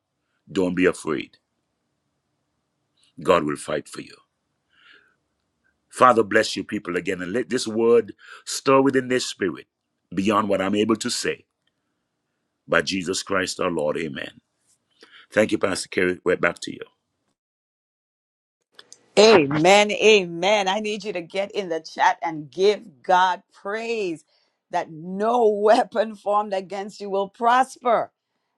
don't be afraid. God will fight for you. Father, bless your people again and let this word stir within their spirit beyond what I'm able to say by Jesus Christ our Lord. Amen. Thank you, Pastor Kerry. We're back to you.
Amen. Amen. I need you to get in the chat and give God praise that no weapon formed against you will prosper.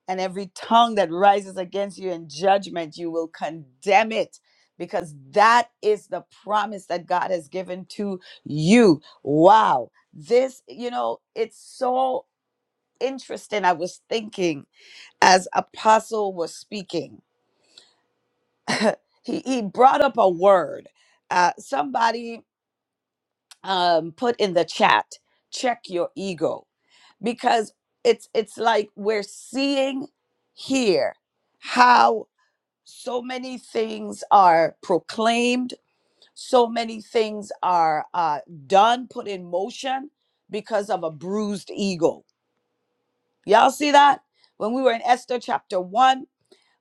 And every tongue that rises against you in judgment, you will condemn it because that is the promise that God has given to you. Wow. This, you know, it's so interesting. I was thinking as Apostle was speaking, he, he brought up a word. Uh, somebody um, put in the chat check your ego because it's it's like we're seeing here how so many things are proclaimed so many things are uh, done put in motion because of a bruised ego y'all see that when we were in esther chapter 1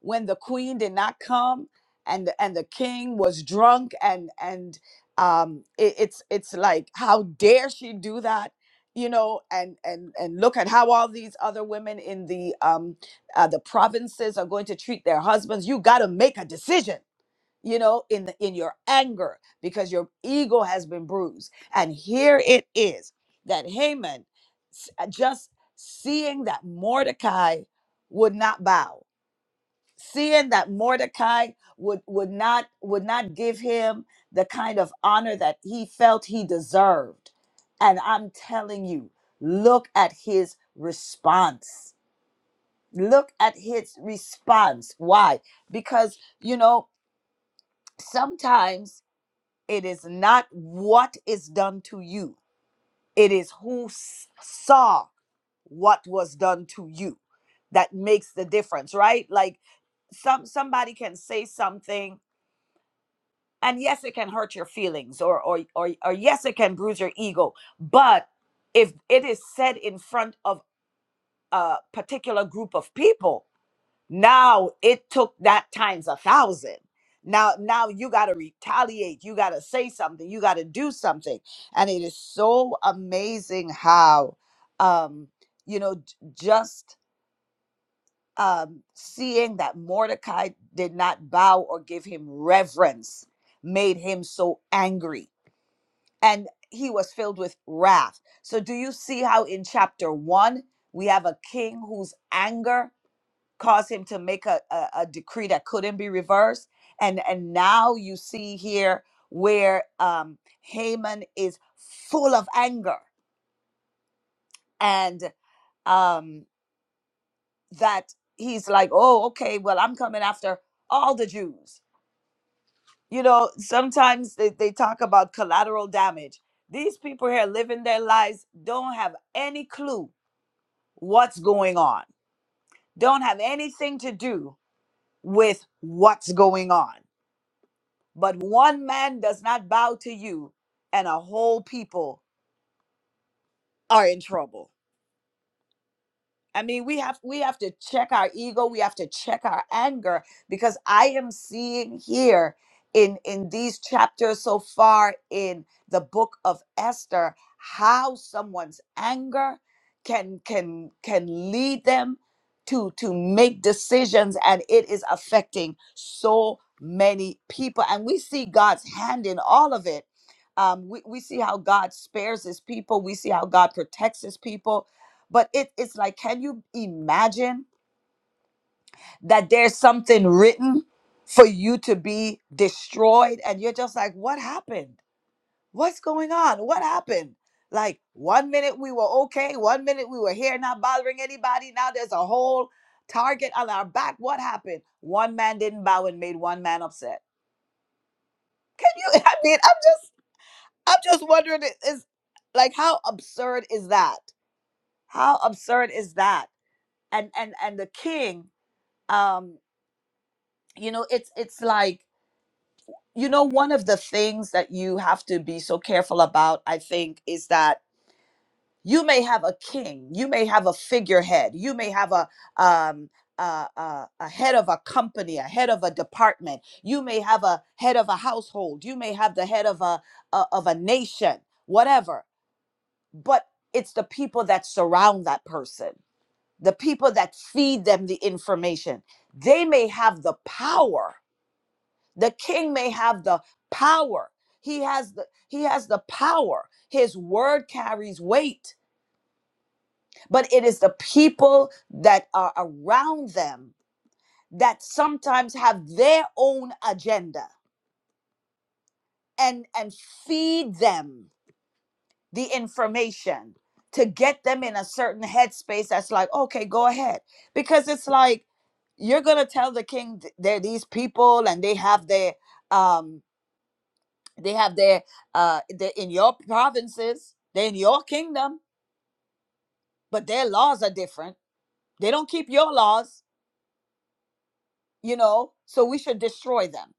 when the queen did not come and and the king was drunk and and um it, it's it's like how dare she do that you know and and and look at how all these other women in the um uh, the provinces are going to treat their husbands you got to make a decision you know in the, in your anger because your ego has been bruised and here it is that Haman s- uh, just seeing that Mordecai would not bow seeing that Mordecai would would not would not give him the kind of honor that he felt he deserved. And I'm telling you, look at his response. Look at his response. Why? Because, you know, sometimes it is not what is done to you. It is who s- saw what was done to you that makes the difference, right? Like some somebody can say something and yes it can hurt your feelings or or or, or yes it can bruise your ego but if it is said in front of a particular group of people now it took that times a thousand now now you got to retaliate you got to say something you got to do something and it is so amazing how um you know j- just um seeing that mordecai did not bow or give him reverence made him so angry and he was filled with wrath. So, do you see how in chapter one, we have a king whose anger caused him to make a, a, a decree that couldn't be reversed? And, and now you see here where um, Haman is full of anger and um, that he's like, oh, okay, well, I'm coming after all the Jews. You know, sometimes they, they talk about collateral damage. These people here living their lives don't have any clue what's going on. Don't have anything to do with what's going on. But one man does not bow to you, and a whole people are in trouble. I mean, we have we have to check our ego, we have to check our anger because I am seeing here in in these chapters so far in the book of Esther how someone's anger can can can lead them to to make decisions and it is affecting so many people and we see God's hand in all of it. Um, we, we see how God spares his people. We see how God protects his people but it, it's like, can you imagine that there's something written for you to be destroyed? And you're just like, what happened? What's going on? What happened? Like one minute we were okay, one minute we were here, not bothering anybody. Now there's a whole target on our back. What happened? One man didn't bow and made one man upset. Can you? I mean, I'm just, I'm just wondering, It is like, how absurd is that? How absurd is that? And and and the king. um you know it's it's like you know one of the things that you have to be so careful about i think is that you may have a king you may have a figurehead you may have a um a, a, a head of a company a head of a department you may have a head of a household you may have the head of a, a of a nation whatever but it's the people that surround that person the people that feed them the information they may have the power the king may have the power he has the he has the power his word carries weight but it is the people that are around them that sometimes have their own agenda and and feed them the information to get them in a certain headspace that's like okay go ahead because it's like you're gonna tell the king th- they're these people and they have their um they have their uh they're in your provinces they're in your kingdom but their laws are different they don't keep your laws you know so we should destroy them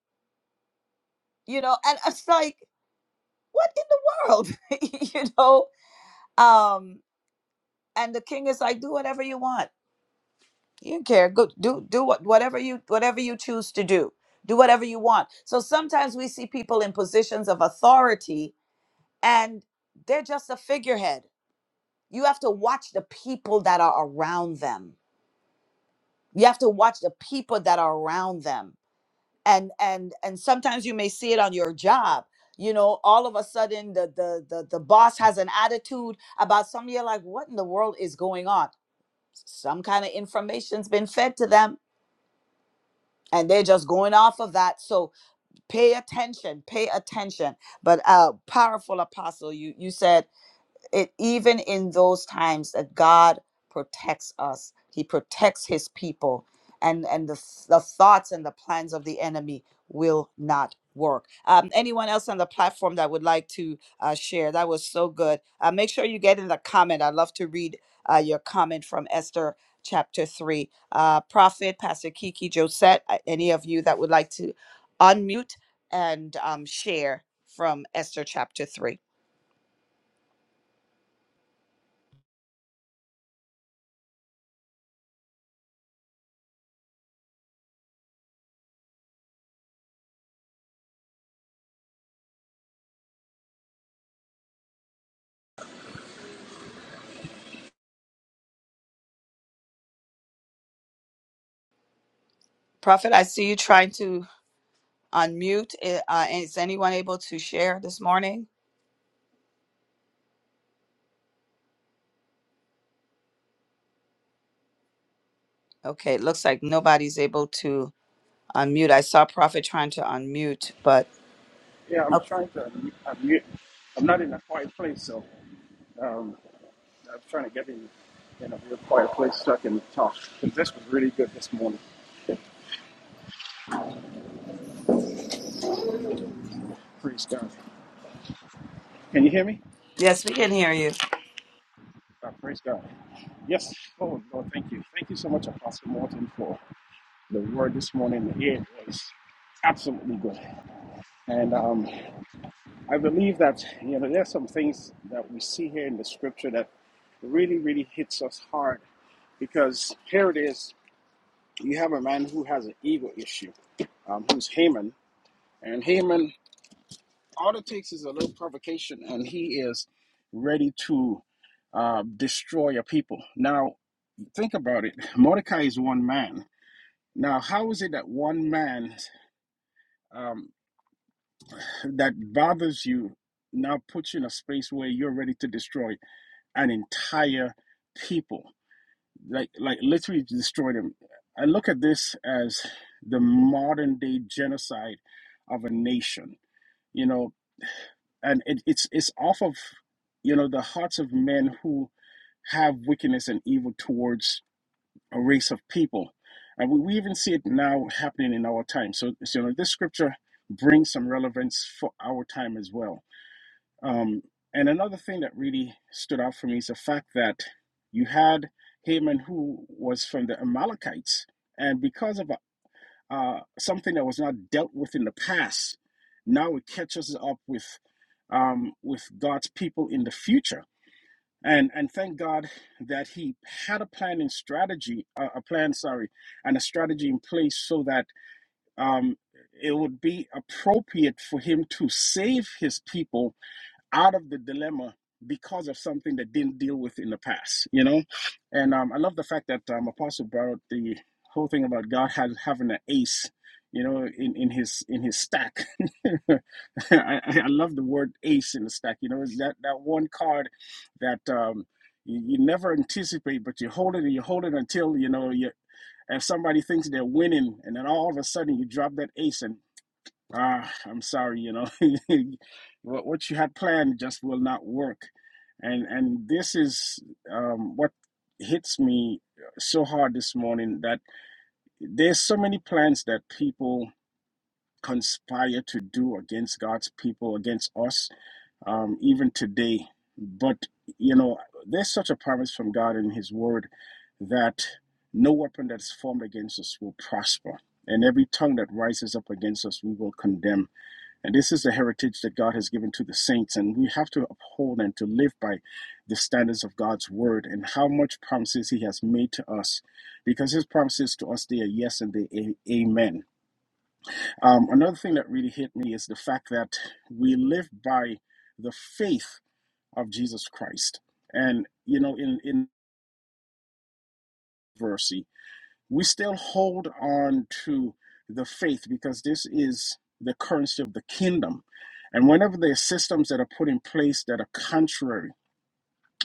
you know and it's like what in the world you know um and the king is like do whatever you want you don't care go do do what whatever you whatever you choose to do do whatever you want so sometimes we see people in positions of authority and they're just a figurehead you have to watch the people that are around them you have to watch the people that are around them and and and sometimes you may see it on your job you know all of a sudden the the the, the boss has an attitude about something you're like what in the world is going on some kind of information's been fed to them and they're just going off of that so pay attention pay attention but uh powerful apostle you you said it even in those times that God protects us. He protects his people and and the, the thoughts and the plans of the enemy will not work. Um, anyone else on the platform that would like to uh, share? That was so good. Uh, make sure you get in the comment. I'd love to read uh, your comment from Esther chapter 3. Uh, Prophet, Pastor Kiki, Josette, uh, any of you that would like to unmute and um, share from Esther chapter 3. Prophet, I see you trying to unmute. Eh, Uh, is anyone able to share this morning? Okay, it looks like nobody's able to unmute. I saw Prophet trying to unmute, but.
Yeah, I'm trying to unmute. I'm not in a quiet place, so um, I'm trying to get in, in a real quiet place so I can talk. 'Cause this was really good this morning. Praise God. Can you hear me?
Yes, we can hear you.
Uh, praise God. Yes. Oh, Lord, thank you. Thank you so much, Apostle Morton, for the word this morning. It was absolutely good. And um, I believe that, you know, there's some things that we see here in the scripture that really, really hits us hard because here it is. you have a man who has an ego issue, um, who's Haman, and Haman all it takes is a little provocation, and he is ready to uh, destroy your people. Now, think about it. Mordecai is one man. Now, how is it that one man um, that bothers you now puts you in a space where you're ready to destroy an entire people? like like literally destroyed him. I look at this as the modern day genocide of a nation, you know, and it, it's it's off of you know the hearts of men who have wickedness and evil towards a race of people, and we, we even see it now happening in our time. So, so you know, this scripture brings some relevance for our time as well um, and another thing that really stood out for me is the fact that you had Haman, who was from the Amalekites, and because of uh, something that was not dealt with in the past, now it catches up with um, with God's people in the future. And and thank God that He had a plan and strategy, uh, a plan, sorry, and a strategy in place so that um, it would be appropriate for Him to save His people out of the dilemma because of something that didn't deal with in the past, you know? And um, I love the fact that um, Apostle borrowed the whole thing about God has, having an ace, you know, in, in his in his stack. I, I I love the word ace in the stack, you know, is that, that one card that um, you, you never anticipate, but you hold it and you hold it until, you know, you, and somebody thinks they're winning, and then all of a sudden you drop that ace, and ah, I'm sorry, you know, what what you had planned just will not work. And and this is um, what hits me so hard this morning that there's so many plans that people conspire to do against God's people, against us, um, even today. But you know, there's such a promise from God in His Word that no weapon that's formed against us will prosper, and every tongue that rises up against us, we will condemn. And this is the heritage that God has given to the saints, and we have to uphold and to live by the standards of God's word and how much promises He has made to us, because His promises to us they are yes and they are amen. Um, another thing that really hit me is the fact that we live by the faith of Jesus Christ, and you know, in in verse. we still hold on to the faith because this is the currency of the kingdom. And whenever there are systems that are put in place that are contrary,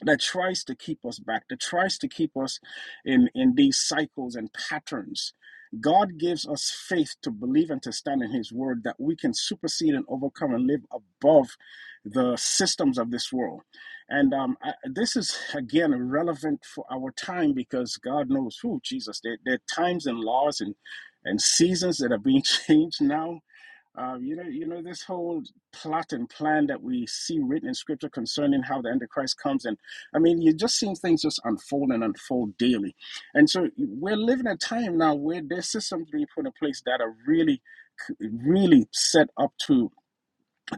that tries to keep us back, that tries to keep us in, in these cycles and patterns. God gives us faith to believe and to stand in His word that we can supersede and overcome and live above the systems of this world. And um, I, this is, again, relevant for our time because God knows who, Jesus. There, there are times and laws and, and seasons that are being changed now um, you know, you know this whole plot and plan that we see written in Scripture concerning how the Antichrist comes, and I mean, you're just seeing things just unfold and unfold daily, and so we're living a time now where there's systems being put in place that are really, really set up to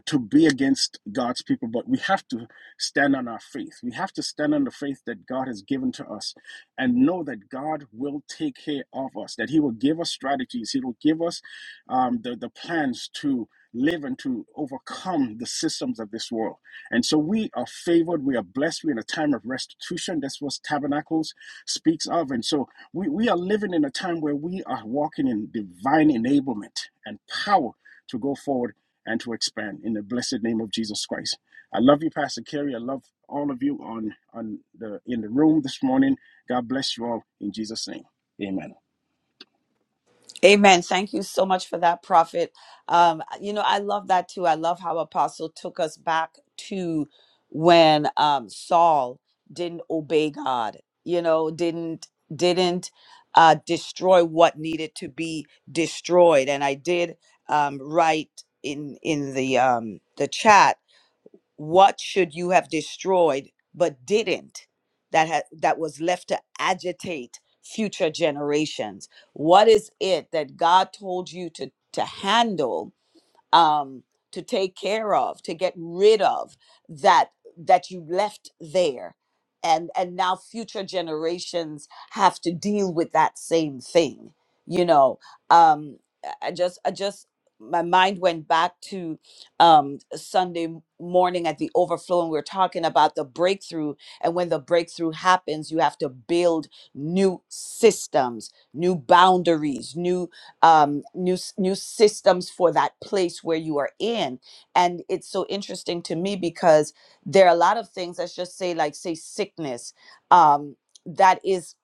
to be against God's people, but we have to stand on our faith. We have to stand on the faith that God has given to us and know that God will take care of us, that He will give us strategies, He will give us um, the, the plans to live and to overcome the systems of this world. And so we are favored, we are blessed, we're in a time of restitution. That's what Tabernacles speaks of. And so we, we are living in a time where we are walking in divine enablement and power to go forward and to expand in the blessed name of Jesus Christ. I love you, Pastor Kerry. I love all of you on on the in the room this morning. God bless you all in Jesus' name. Amen.
Amen. Thank you so much for that, Prophet. Um, you know, I love that too. I love how Apostle took us back to when um, Saul didn't obey God. You know, didn't didn't uh, destroy what needed to be destroyed. And I did um, write in in the um, the chat what should you have destroyed but didn't that had that was left to agitate future generations What is it that God told you to, to handle? um, to take care of, to get rid of that that you left there. And, and now future generations have to deal with that same thing you know um i I just i just my mind went back to um sunday m- morning at the overflow and we are talking about the breakthrough and when the breakthrough happens you have to build new systems new boundaries new um, new s- new systems for that place where you are in. And it's so interesting to me because there are a lot of things. Let's just say, like say sickness, um, that is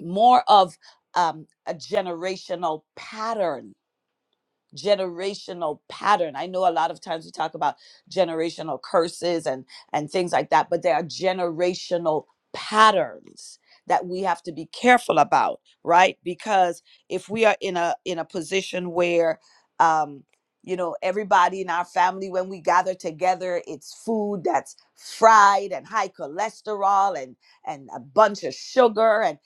more of um, a generational pattern generational pattern. I know a lot of times we talk about generational curses and and things like that, but there are generational patterns that we have to be careful about, right? Because if we are in a in a position where um you know everybody in our family when we gather together it's food that's fried and high cholesterol and and a bunch of sugar and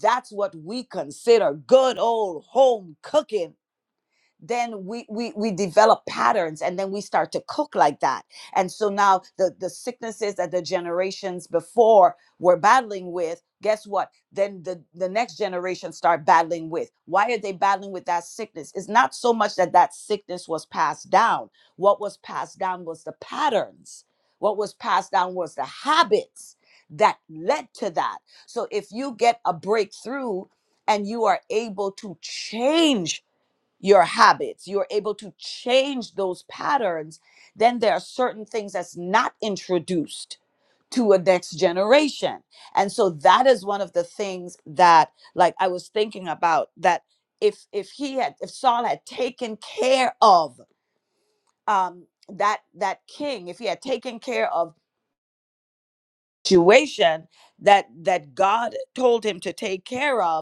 that's what we consider good old home cooking then we, we we develop patterns and then we start to cook like that and so now the the sicknesses that the generations before were battling with guess what then the the next generation start battling with why are they battling with that sickness it's not so much that that sickness was passed down what was passed down was the patterns what was passed down was the habits that led to that so if you get a breakthrough and you are able to change your habits, you're able to change those patterns, then there are certain things that's not introduced to a next generation. And so that is one of the things that like I was thinking about that if if he had if Saul had taken care of um that that king, if he had taken care of situation that that God told him to take care of,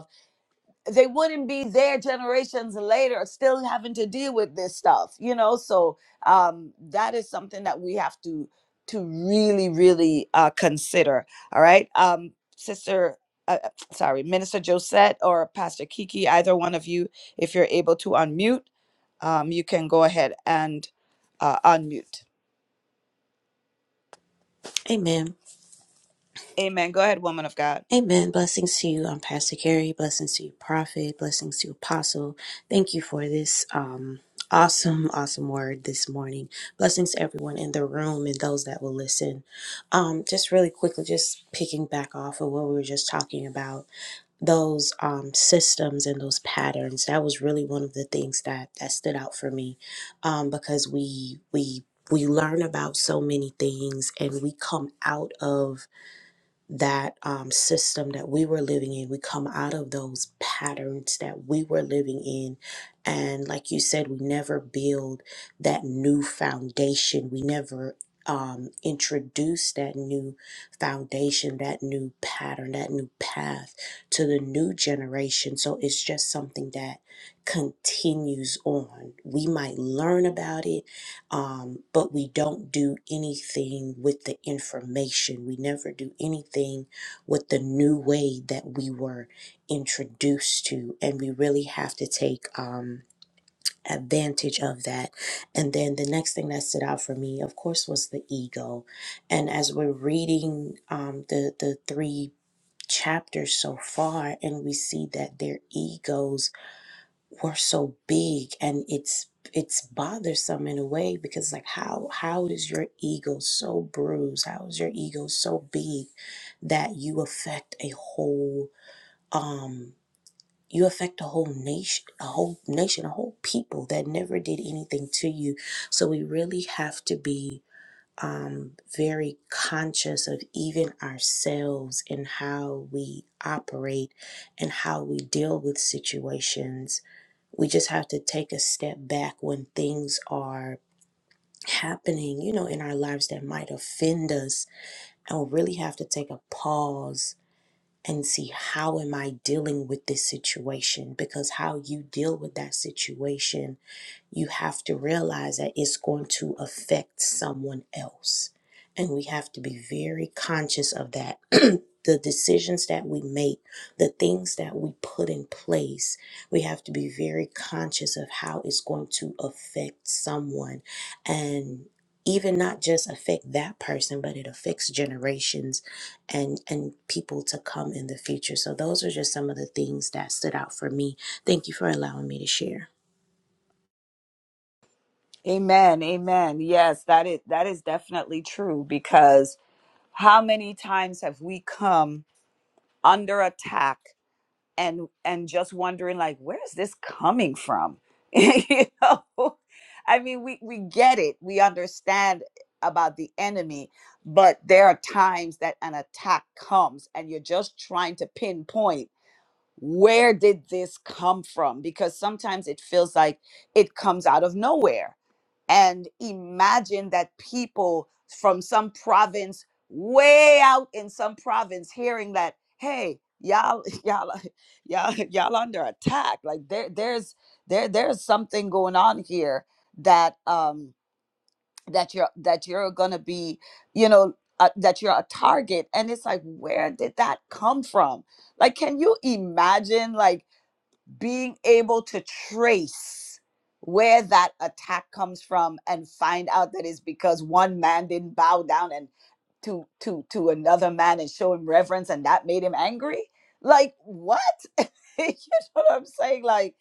they wouldn't be there generations later still having to deal with this stuff you know so um that is something that we have to to really really uh consider all right um sister uh, uh, sorry minister josette or pastor kiki either one of you if you're able to unmute um you can go ahead and uh unmute
Amen.
amen go ahead woman of god
Amen. Blessings to you. I'm Pastor Gary. Blessings to you, Prophet. Blessings to you, Apostle. Thank you for this um, awesome, awesome word this morning. Blessings to everyone in the room and those that will listen. Um, just really quickly, just picking back off of what we were just talking about, those um, systems and those patterns. That was really one of the things that that stood out for me, um, because we we we learn about so many things and we come out of that um, system that we were living in. We come out of those patterns that we were living in. And like you said, we never build that new foundation. We never um, introduce that new foundation, that new pattern, that new path to the new generation. So it's just something that continues on. We might learn about it um, but we don't do anything with the information. We never do anything with the new way that we were introduced to, and we really have to take um, advantage of that. And then the next thing that stood out for me, of course, was the ego. And as we're reading um, the the three chapters so far, and we see that their egos were so big and it's it's bothersome in a way because like how how is your ego so bruised how is your ego so big that you affect a whole um you affect a whole nation a whole nation a whole people that never did anything to you so we really have to be um, very conscious of even ourselves and how we operate and how we deal with situations. We just have to take a step back when things are happening, you know, in our lives that might offend us. And we really have to take a pause and see how am I dealing with this situation? Because how you deal with that situation you have to realize that it's going to affect someone else. And we have to be very conscious of that. the decisions that we make, the things that we put in place, we have to be very conscious of how it's going to affect someone. And even not just affect that person, but it affects generations and and people to come in the future. So those are just some of the things that stood out for me. Thank you for allowing me to share.
Amen. Amen. Yes, that is that is definitely true because how many times have we come under attack and and just wondering like where is this coming from you know i mean we we get it we understand about the enemy but there are times that an attack comes and you're just trying to pinpoint where did this come from because sometimes it feels like it comes out of nowhere and imagine that people from some province way out in some province hearing that hey y'all y'all y'all y'all under attack like there there's there there's something going on here that um that you're that you're gonna be you know uh, that you're a target and it's like where did that come from like can you imagine like? being able to trace where that attack comes from and find out that it's because one man didn't bow down and to to to another man and show him reverence and that made him angry like what you know what i'm saying like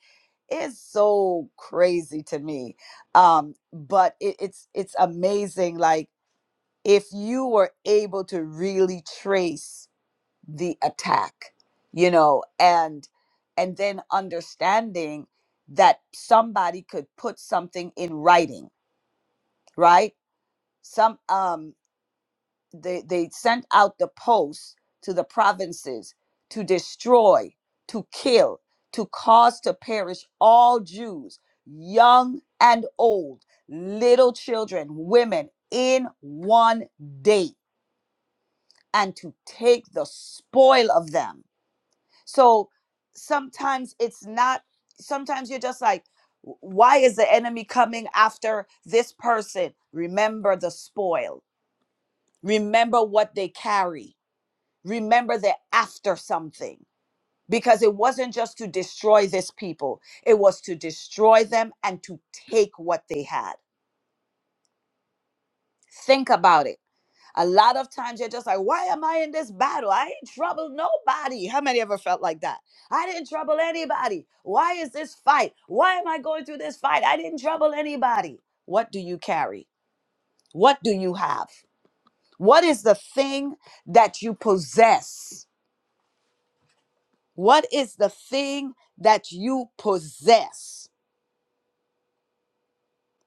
it's so crazy to me um but it, it's it's amazing like if you were able to really trace the attack you know and and then understanding that somebody could put something in writing right some um they they sent out the posts to the provinces to destroy to kill to cause to perish all jews young and old little children women in one day and to take the spoil of them So sometimes it's not, sometimes you're just like, why is the enemy coming after this person? Remember the spoil, remember what they carry, remember they're after something. Because it wasn't just to destroy this people, it was to destroy them and to take what they had. Think about it A lot of times you're just like, why am I in this battle? I ain't troubled nobody. How many ever felt like that? I didn't trouble anybody. Why is this fight? Why am I going through this fight? I didn't trouble anybody. What do you carry? What do you have? What is the thing that you possess? What is the thing that you possess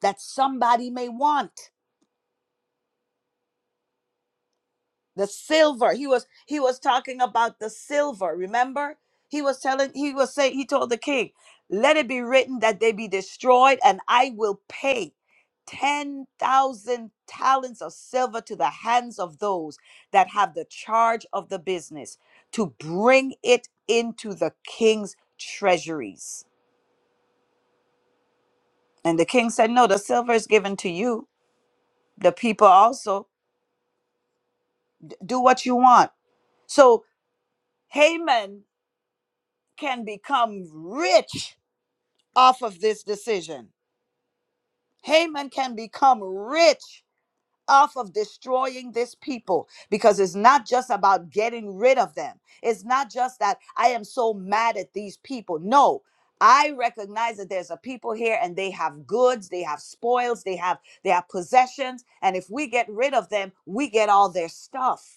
that somebody may want? the silver he was he was talking about the silver remember he was telling he was saying he told the king let it be written that they be destroyed and i will pay 10,000 talents of silver to the hands of those that have the charge of the business to bring it into the king's treasuries. And the king said, No, the silver is given to you, the people also. Do what you want. So Haman can become rich off of this decision. Haman can become rich off of destroying this people because it's not just about getting rid of them. It's not just that I am so mad at these people. No. I recognize that there's a people here and they have goods, they have spoils, they have they have possessions, and if we get rid of them, we get all their stuff.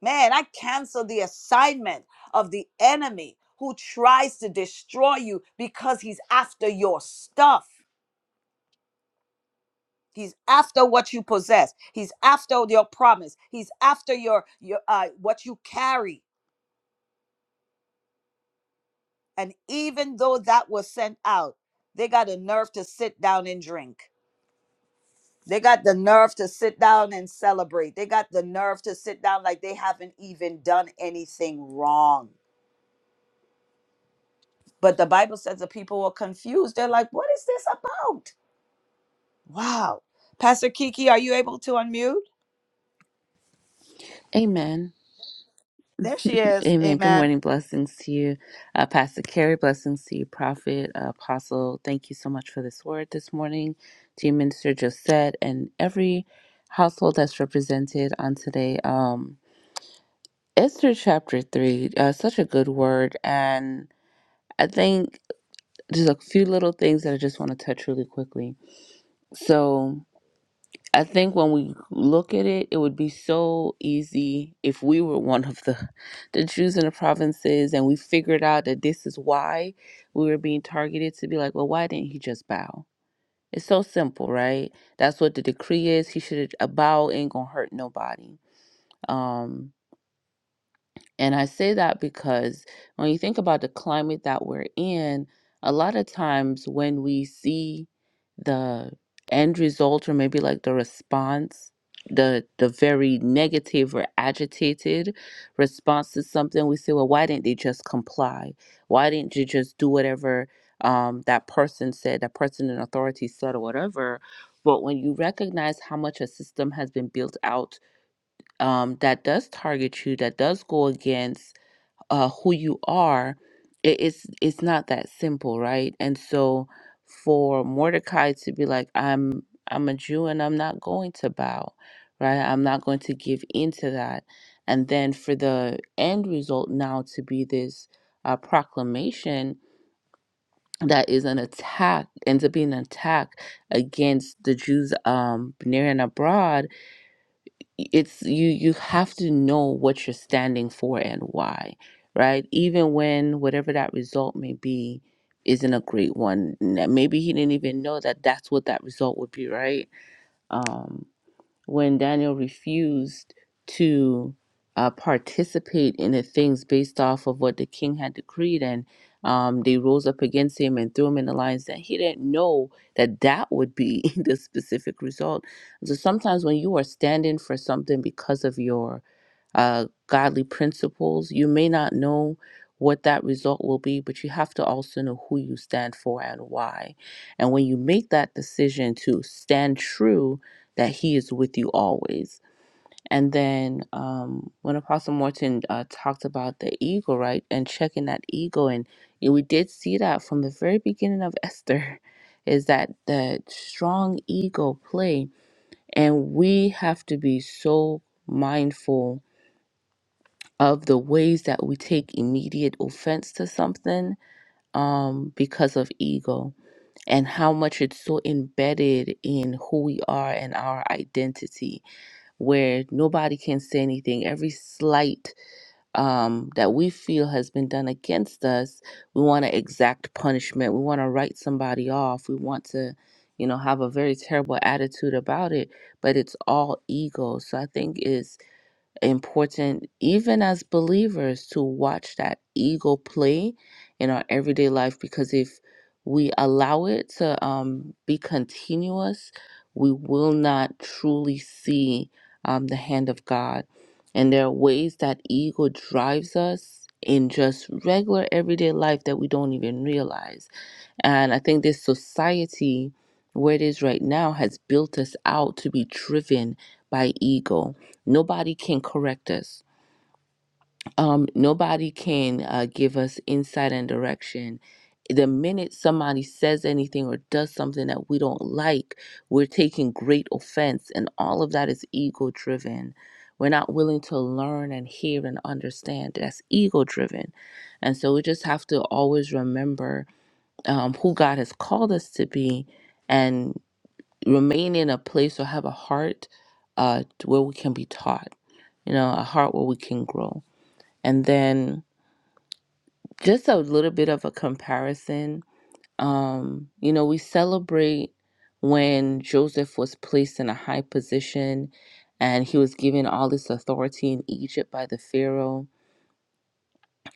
Man, I cancel the assignment of the enemy who tries to destroy you because he's after your stuff. He's after what you possess. He's after your promise. He's after your your uh, what you carry. And even though that was sent out, they got the nerve to sit down and drink. They got the nerve to sit down and celebrate. They got the nerve to sit down like they haven't even done anything wrong. But the Bible says the people were confused. They're like, what is this about? Wow. Pastor Kiki, are you able to unmute?
Amen.
There she is.
Amen. Good
Amen.
morning. Blessings to you, uh, Pastor Carrie. Blessings to you, Prophet, uh, Apostle. Thank you so much for this word this morning to you, Minister Josette, and every household that's represented on today. Um, Esther chapter 3, uh, such a good word. And I think just a few little things that I just want to touch really quickly. So, I think when we look at it, it would be so easy if we were one of the, the Jews in the provinces and we figured out that this is why we were being targeted to be like, well, why didn't he just bow? It's so simple, right? That's what the decree is. He should have a bow ain't gonna hurt nobody. Um, and I say that because when you think about the climate that we're in, a lot of times when we see the end result or maybe like the response, the the very negative or agitated response to something, we say, well, why didn't they just comply? Why didn't you just do whatever um, that person said, that person in authority said, or whatever? But when you recognize how much a system has been built out um, that does target you, that does go against uh, who you are, it, it's it's not that simple, right? And so, for Mordecai to be like, "I'm I'm a Jew and I'm not going to bow," right? I'm not going to give into that. And then for the end result now to be this uh, proclamation that is an attack, ends up being an attack against the Jews um, near and abroad it's you you have to know what you're standing for and why right even when whatever that result may be isn't a great one N- maybe he didn't even know that that's what that result would be right Um, when Daniel refused to uh, participate in the things based off of what the king had decreed, and um, they rose up against him and threw him in the lion's den. He didn't know that that would be the specific result. So sometimes when you are standing for something because of your uh, godly principles. You may not know what that result will be, but you have to also know who you stand for and why. And when you make that decision to stand true, that He is with you always. And then um, when Apostle Morton uh, talked about the ego, right, and checking that ego, and you know, we did see that from the very beginning of Esther, is that the strong ego play, and we have to be so mindful of the ways that we take immediate offense to something um, because of ego and how much it's so embedded in who we are and our identity, where nobody can say anything. Every slight um, that we feel has been done against us, we want to exact punishment. We want to write somebody off. We want to. You know, have a very terrible attitude about it, but it's all ego. So I think is important, even as believers, to watch that ego play in our everyday life because if we allow it to um, be continuous, we will not truly see um, the hand of God. And there are ways that ego drives us in just regular everyday life that we don't even realize. And I think this society, where it is right now, has built us out to be driven by ego Nobody can correct us. Um, nobody can uh, give us insight and direction. The minute somebody says anything or does something that we don't like, we're taking great offense, and all of that is ego driven. We're not willing to learn and hear and understand. That's ego driven. And so we just have to always remember um, who God has called us to be and remain in a place or have a heart uh, where we can be taught you know, a heart where we can grow. And then just a little bit of a comparison. Um, you know, we celebrate when Joseph was placed in a high position and he was given all this authority in Egypt by the Pharaoh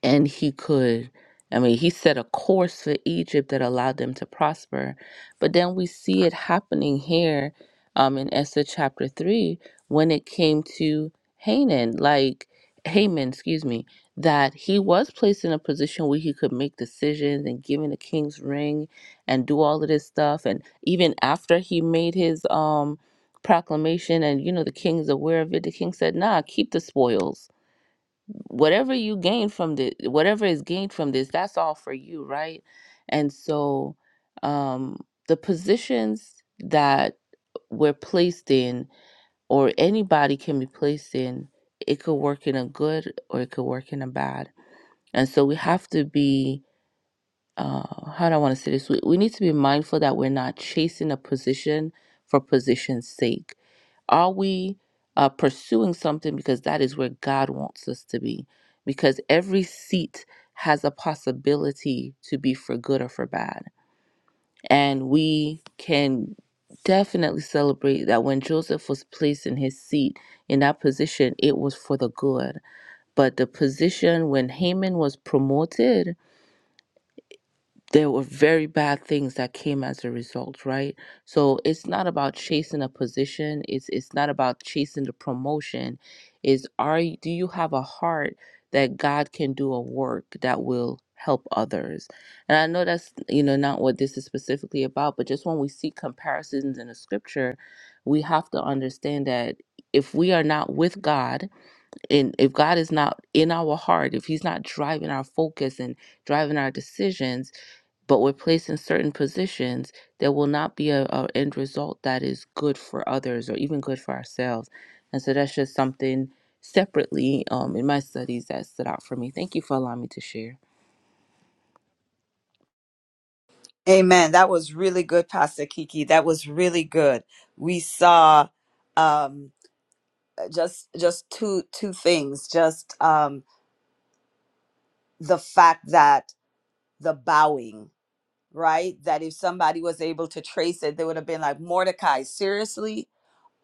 and he could i mean he set a course for egypt that allowed them to prosper but then we see it happening here um, in esther chapter 3 when it came to hanan like haman excuse me that he was placed in a position where he could make decisions and given the king's ring and do all of this stuff and even after he made his um proclamation and you know the king is aware of it the king said nah keep the spoils whatever you gain from this whatever is gained from this that's all for you right and so um the positions that we're placed in or anybody can be placed in it could work in a good or it could work in a bad and so we have to be uh how do i want to say this we, we need to be mindful that we're not chasing a position for position's sake are we uh, pursuing something because that is where God wants us to be? Because every seat has a possibility to be for good or for bad. And we can definitely celebrate that when Joseph was placed in his seat, in that position, it was for the good. But the position when Haman was promoted, there were very bad things that came as a result, right? So it's not about chasing a position. It's it's not about chasing the promotion. Is are you- do you have a heart that God can do a work that will help others? And I know that's you know not what this is specifically about, but just when we see comparisons in the scripture, we have to understand that if we are not with God and if God is not in our heart, if he's not driving our focus and driving our decisions, but we're placed in certain positions, there will not be a, a end result that is good for others or even good for ourselves. And so that's just something separately um, in my studies that stood out for me. Thank you for allowing me to share.
Amen. That was really good, Pastor Kiki. That was really good. We saw um just just two two things. Just um the fact that the bowing, right? That if somebody was able to trace it, they would have been like, Mordecai, seriously?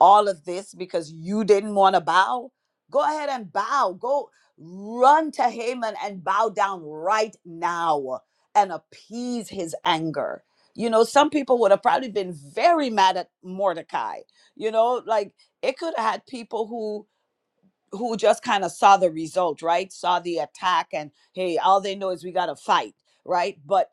all of this because you didn't want to bow? Go ahead and bow. Go run to Haman and bow down right now and appease his anger. You know, some people would have probably been very mad at Mordecai. You know, like it could have had people who who just kind of saw the result, right? Saw the attack, and hey, all they know is we got to fight, right? But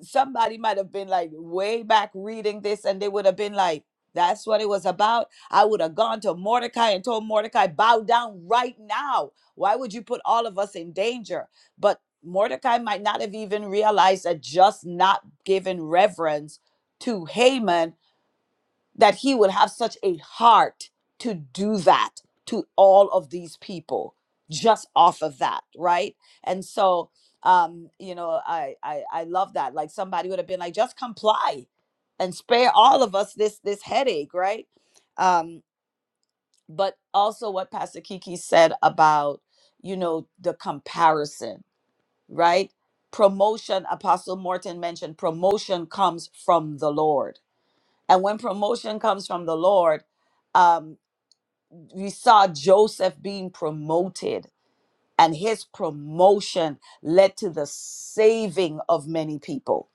somebody might have been like way back reading this, and they would have been like, that's what it was about. I would have gone to Mordecai and told Mordecai, bow down right now. Why would you put all of us in danger? But Mordecai might not have even realized that just not giving reverence to Haman that he would have such a heart to do that to all of these people just off of that right and so um you know i i, I love that like somebody would have been like just comply and spare all of us this this headache right um but also what pastor kiki said about you know the comparison right promotion apostle morton mentioned promotion comes from the lord and when promotion comes from the Lord, um, we saw Joseph being promoted, and his promotion led to the saving of many people,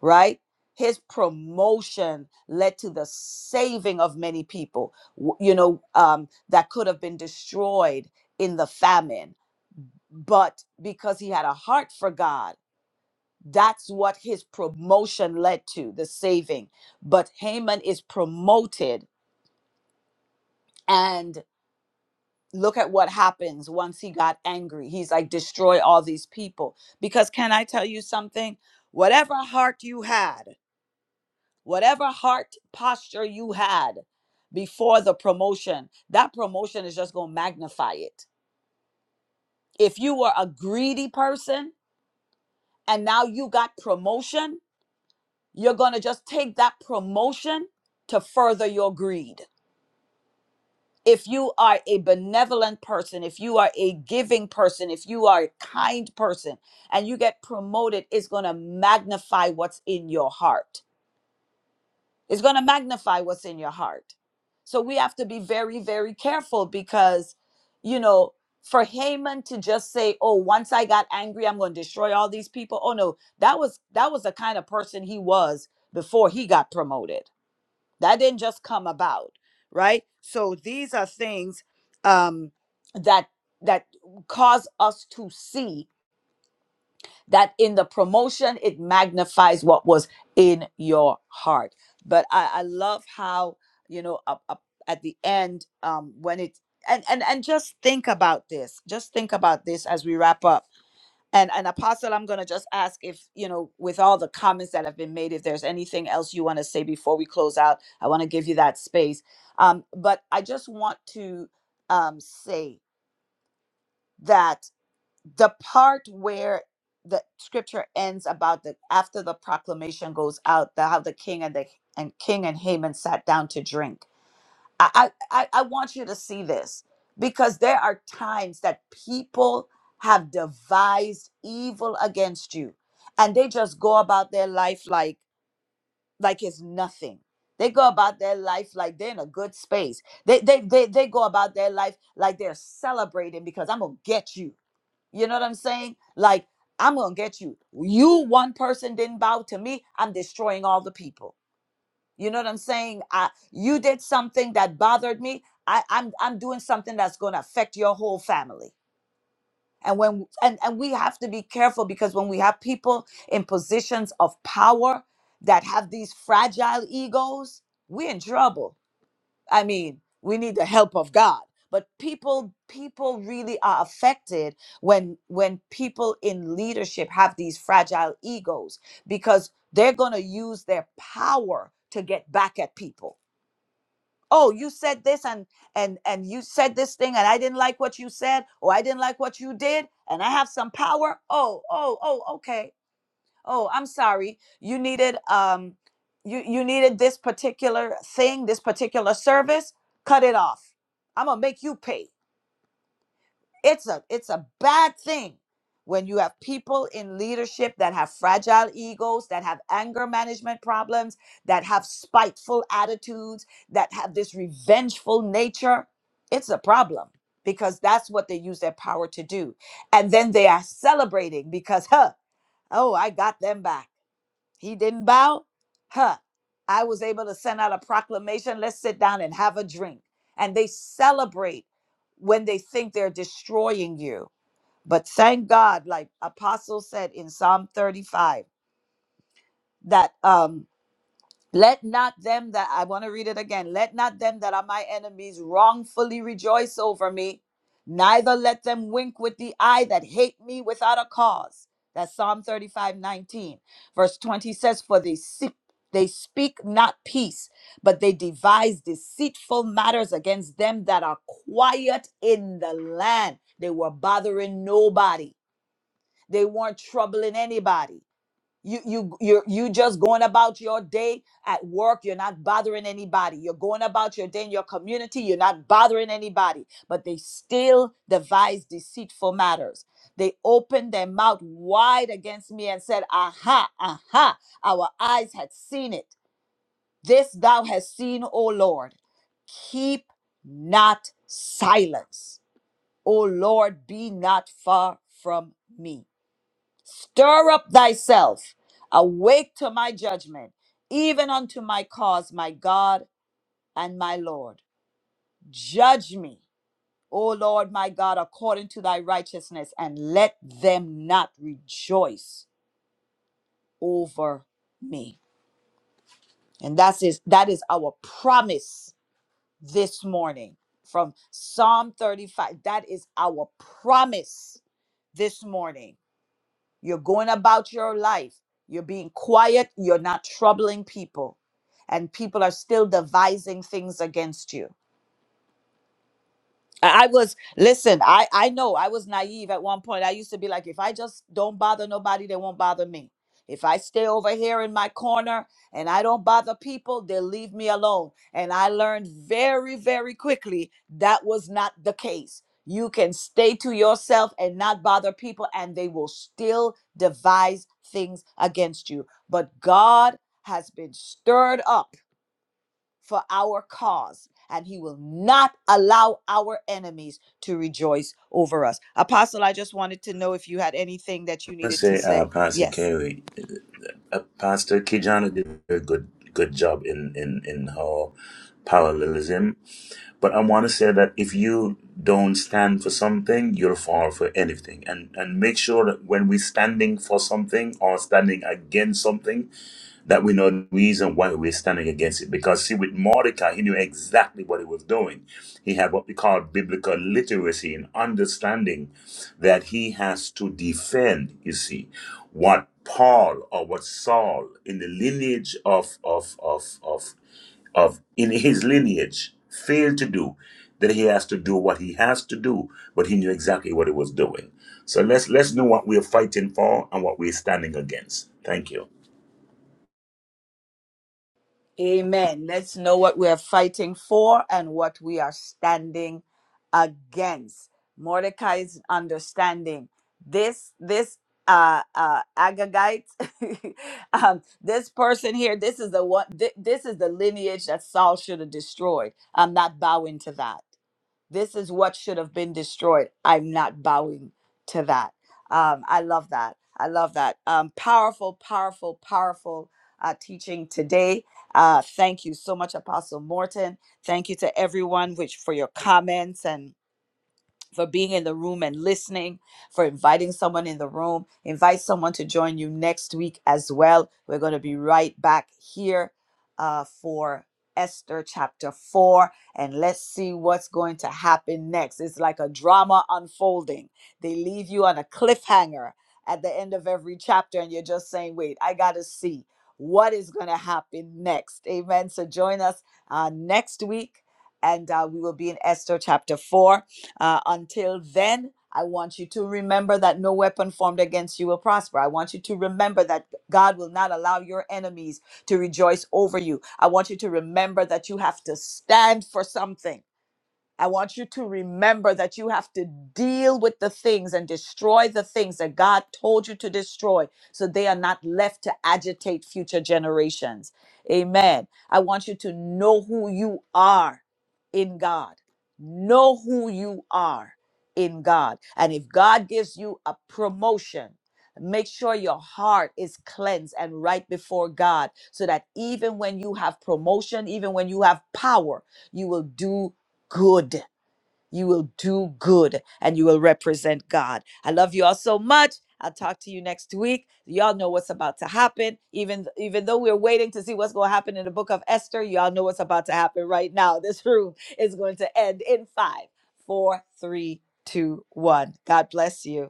right? His promotion led to the saving of many people, w- you know, um, that could have been destroyed in the famine. But because he had a heart for God, that's what his promotion led to, the saving. But Haman is promoted, and look at what happens once he got angry. He's like, destroy all these people. Because can I tell you something? Whatever heart you had, whatever heart posture you had before the promotion, that promotion is just going to magnify it. If you were a greedy person and now you got promotion, you're going to just take that promotion to further your greed. if you are a benevolent person, if you are a giving person, if you are a kind person and you get promoted, it's going to magnify what's in your heart. It's going to magnify what's in your heart. So we have to be very, very careful because, you know, for Haman to just say, "Oh, once I got angry, I'm going to destroy all these people." Oh no, that was that was the kind of person he was before he got promoted that didn't just come about right so these are things um that that cause us to see that in the promotion it magnifies what was in your heart but i i love how you know up, up at the end um when it and and and just think about this just think about this as we wrap up and and Apostle, I'm gonna just ask if, you know, with all the comments that have been made, if there's anything else you want to say before we close out, I want to give you that space. Um, but I just want to um say that the part where the scripture ends about the after the proclamation goes out, the how the king and the and king and Haman sat down to drink I, I, I want you to see this because there are times that people have devised evil against you and they just go about their life like like it's nothing. They go about their life like they're in a good space. They they they, they go about their life like they're celebrating because I'm gonna get you. You know what I'm saying? Like I'm gonna get you. You one person didn't bow to me, I'm destroying all the people. You know what I'm saying? I, you did something that bothered me. I, I'm I'm doing something that's going to affect your whole family. And when and and we have to be careful because when we have people in positions of power that have these fragile egos, we're in trouble. I mean, we need the help of God. But people people really are affected when when people in leadership have these fragile egos because they're going to use their power to get back at people oh you said this and and and you said this thing and i didn't like what you said or i didn't like what you did and i have some power oh oh oh okay oh i'm sorry you needed um you you needed this particular thing this particular service cut it off i'm gonna make you pay it's a it's a bad thing when you have people in leadership that have fragile egos, that have anger management problems, that have spiteful attitudes, that have this revengeful nature. It's a problem because that's what they use their power to do. And then they are celebrating because huh, oh, I got them back he didn't bow. Huh. I was able to send out a proclamation. Let's sit down and have a drink. And they celebrate when they think they're destroying you. But thank God, like Apostle said in Psalm 35, that um let not them that, I want to read it again. Let not them that are my enemies wrongfully rejoice over me, neither let them wink with the eye that hate me without a cause. That's Psalm 35, 19, Verse 20 says, For they seek, they speak not peace, but they devise deceitful matters against them that are quiet in the land. They were bothering nobody, they weren't troubling anybody. You you you you just going about your day at work. You're not bothering anybody. You're going about your day in your community. You're not bothering anybody. But they still devise deceitful matters. They opened their mouth wide against me and said, "Aha, aha! Our eyes had seen it. This thou hast seen, O Lord. Keep not silence, O Lord. Be not far from me." Stir up thyself, awake to my judgment, even unto my cause, my God and my Lord. Judge me, O Lord my God, according to thy righteousness, and let them not rejoice over me. And that is that is our promise this morning from Psalm 35. That is our promise this morning You're going about your life. You're being quiet. You're not troubling people. And people are still devising things against you. I I was listen, I I know I was naive at one point. I used to be like if I just don't bother nobody, they won't bother me. If I stay over here in my corner and I don't bother people, they'll leave me alone. And I learned very very quickly that was not the case. You can stay to yourself and not bother people and they will still devise things against you. But God has been stirred up for our cause, and he will not allow our enemies to rejoice over us. Apostle, I just wanted to know if you had anything that
I
you
want to
needed to
say, uh,
say.
Pastor
Yes.
Kerry, uh, uh, Pastor Kijana did a good good job in in in her parallelism, but I want to say that if you don't stand for something, you'll fall for anything, and and make sure that when we're standing for something or standing against something. that we know the reason why we're standing against it. Because see, with Mordecai, he knew exactly what he was doing. He had what we call biblical literacy and understanding that he has to defend, you see, what Paul or what Saul in the lineage of of of of of in his lineage failed to do, that he has to do what he has to do, but he knew exactly what he was doing. So let's let's know what we're fighting for and what we're standing against. Thank you.
Amen. Let's know what we are fighting for and what we are standing against. Mordecai's understanding this this uh uh Agagite um this person here this is the one thi- this is the lineage that Saul should have destroyed. I'm not bowing to that. this is what should have been destroyed. I'm not bowing to that. Um, I love that. I love that. Um, powerful, powerful, powerful uh, teaching today. Uh, thank you so much, Apostle Morton. Thank you to everyone which for your comments and for being in the room and listening, for inviting someone in the room. Invite someone to join you next week as well. We're going to be right back here uh, for Esther chapter 4, and let's see what's going to happen next. It's like a drama unfolding. They leave you on a cliffhanger at the end of every chapter, and you're just saying, wait, I got to see what is going to happen next. Amen. So join us uh, next week, and uh, we will be in Esther chapter 4 uh, until then, I want you to remember that no weapon formed against you will prosper. I want you to remember that God will not allow your enemies to rejoice over you. I want you to remember that you have to stand for something. I want you to remember that you have to deal with the things and destroy the things that God told you to destroy so they are not left to agitate future generations. Amen. I want you to know who you are in God. Know who you are in God. And if God gives you a promotion, Make sure your heart is cleansed and right before God so that even when you have promotion, even when you have power, you will do good. You will do good and you will represent God. I love you all so much. I'll talk to you next week. Y'all know what's about to happen. Even even though we're waiting to see what's going to happen in the book of Esther, y'all know what's about to happen right now. This room is going to end in five, four, three, two, one. God bless you.